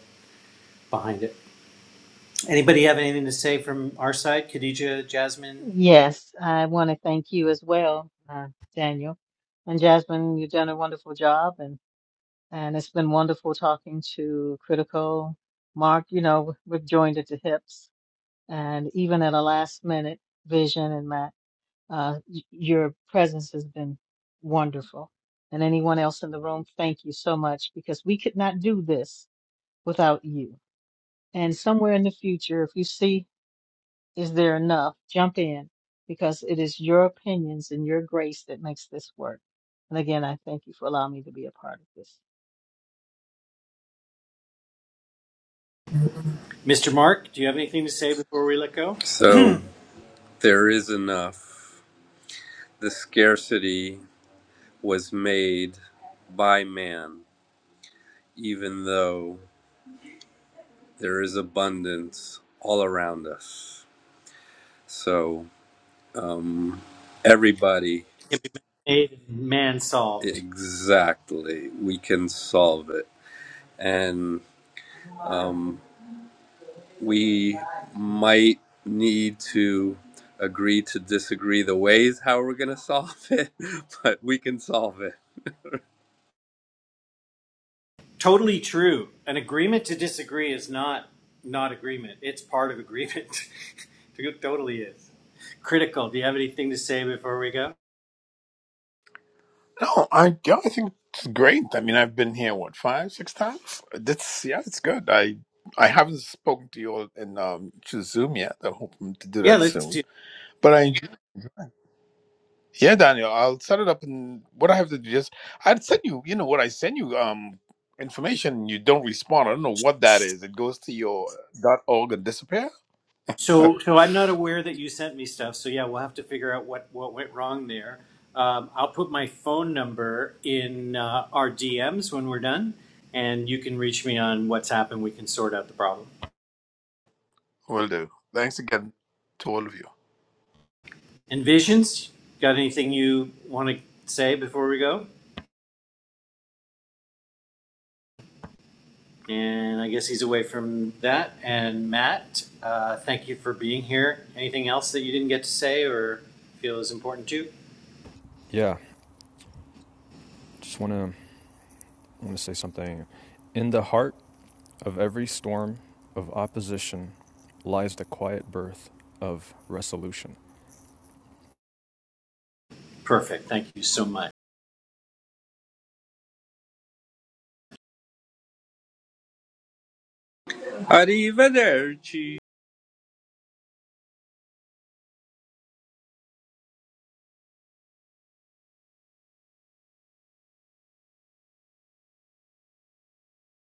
Speaker 3: behind it. Anybody have anything to say from our side? Khadija, Jasmine,
Speaker 5: Yes, I want to thank you as well, uh, Daniel. And Jasmine, you've done a wonderful job and, and it's been wonderful talking to Critical. Mark, you know, we've joined at the hips and even at a last minute vision and Matt, uh, y- your presence has been wonderful. And anyone else in the room, thank you so much because we could not do this without you. And somewhere in the future, if you see is there enough? Jump in because it is your opinions and your grace that makes this work. And again, I thank you for allowing me to be a part of this.
Speaker 3: Mr. Mark, do you have anything to say before we let go?
Speaker 4: So there is enough. The scarcity was made by man, even though there is abundance all around us. So everybody,
Speaker 3: made and man solved.
Speaker 4: exactly, we can solve it. And um, we might need to agree to disagree the ways how we're going to solve it, (laughs) but we can solve it.
Speaker 3: Totally true. An agreement to disagree is not not agreement. It's part of agreement. (laughs) it totally is. Critical. Do you have anything to say before we go?
Speaker 7: No, I yeah, I think it's great. I mean, I've been here what five, six times. That's yeah, it's good. I I haven't spoken to you all in um to Zoom yet. I'm hoping to do
Speaker 3: Yeah,
Speaker 7: that
Speaker 3: let's
Speaker 7: soon.
Speaker 3: do.
Speaker 7: But I yeah, Daniel, I'll set it up and what I have to do is I'd send you. You know what I send you um information. You don't respond. I don't know what that is. It goes to your dot .org and disappear.
Speaker 3: So, so I'm not aware that you sent me stuff. So yeah, we'll have to figure out what what went wrong there. Um, I'll put my phone number in uh, our DMs when we're done, and you can reach me on WhatsApp, and we can sort out the problem.
Speaker 7: Will do. Thanks again to all of you.
Speaker 3: And visions. Got anything you want to say before we go? And I guess he's away from that. And Matt, uh, thank you for being here. Anything else that you didn't get to say or feel is important to?
Speaker 9: Yeah, just want to want to say something. In the heart of every storm of opposition lies the quiet birth of resolution.
Speaker 3: Perfect. Thank you so much.
Speaker 4: Arrivederci.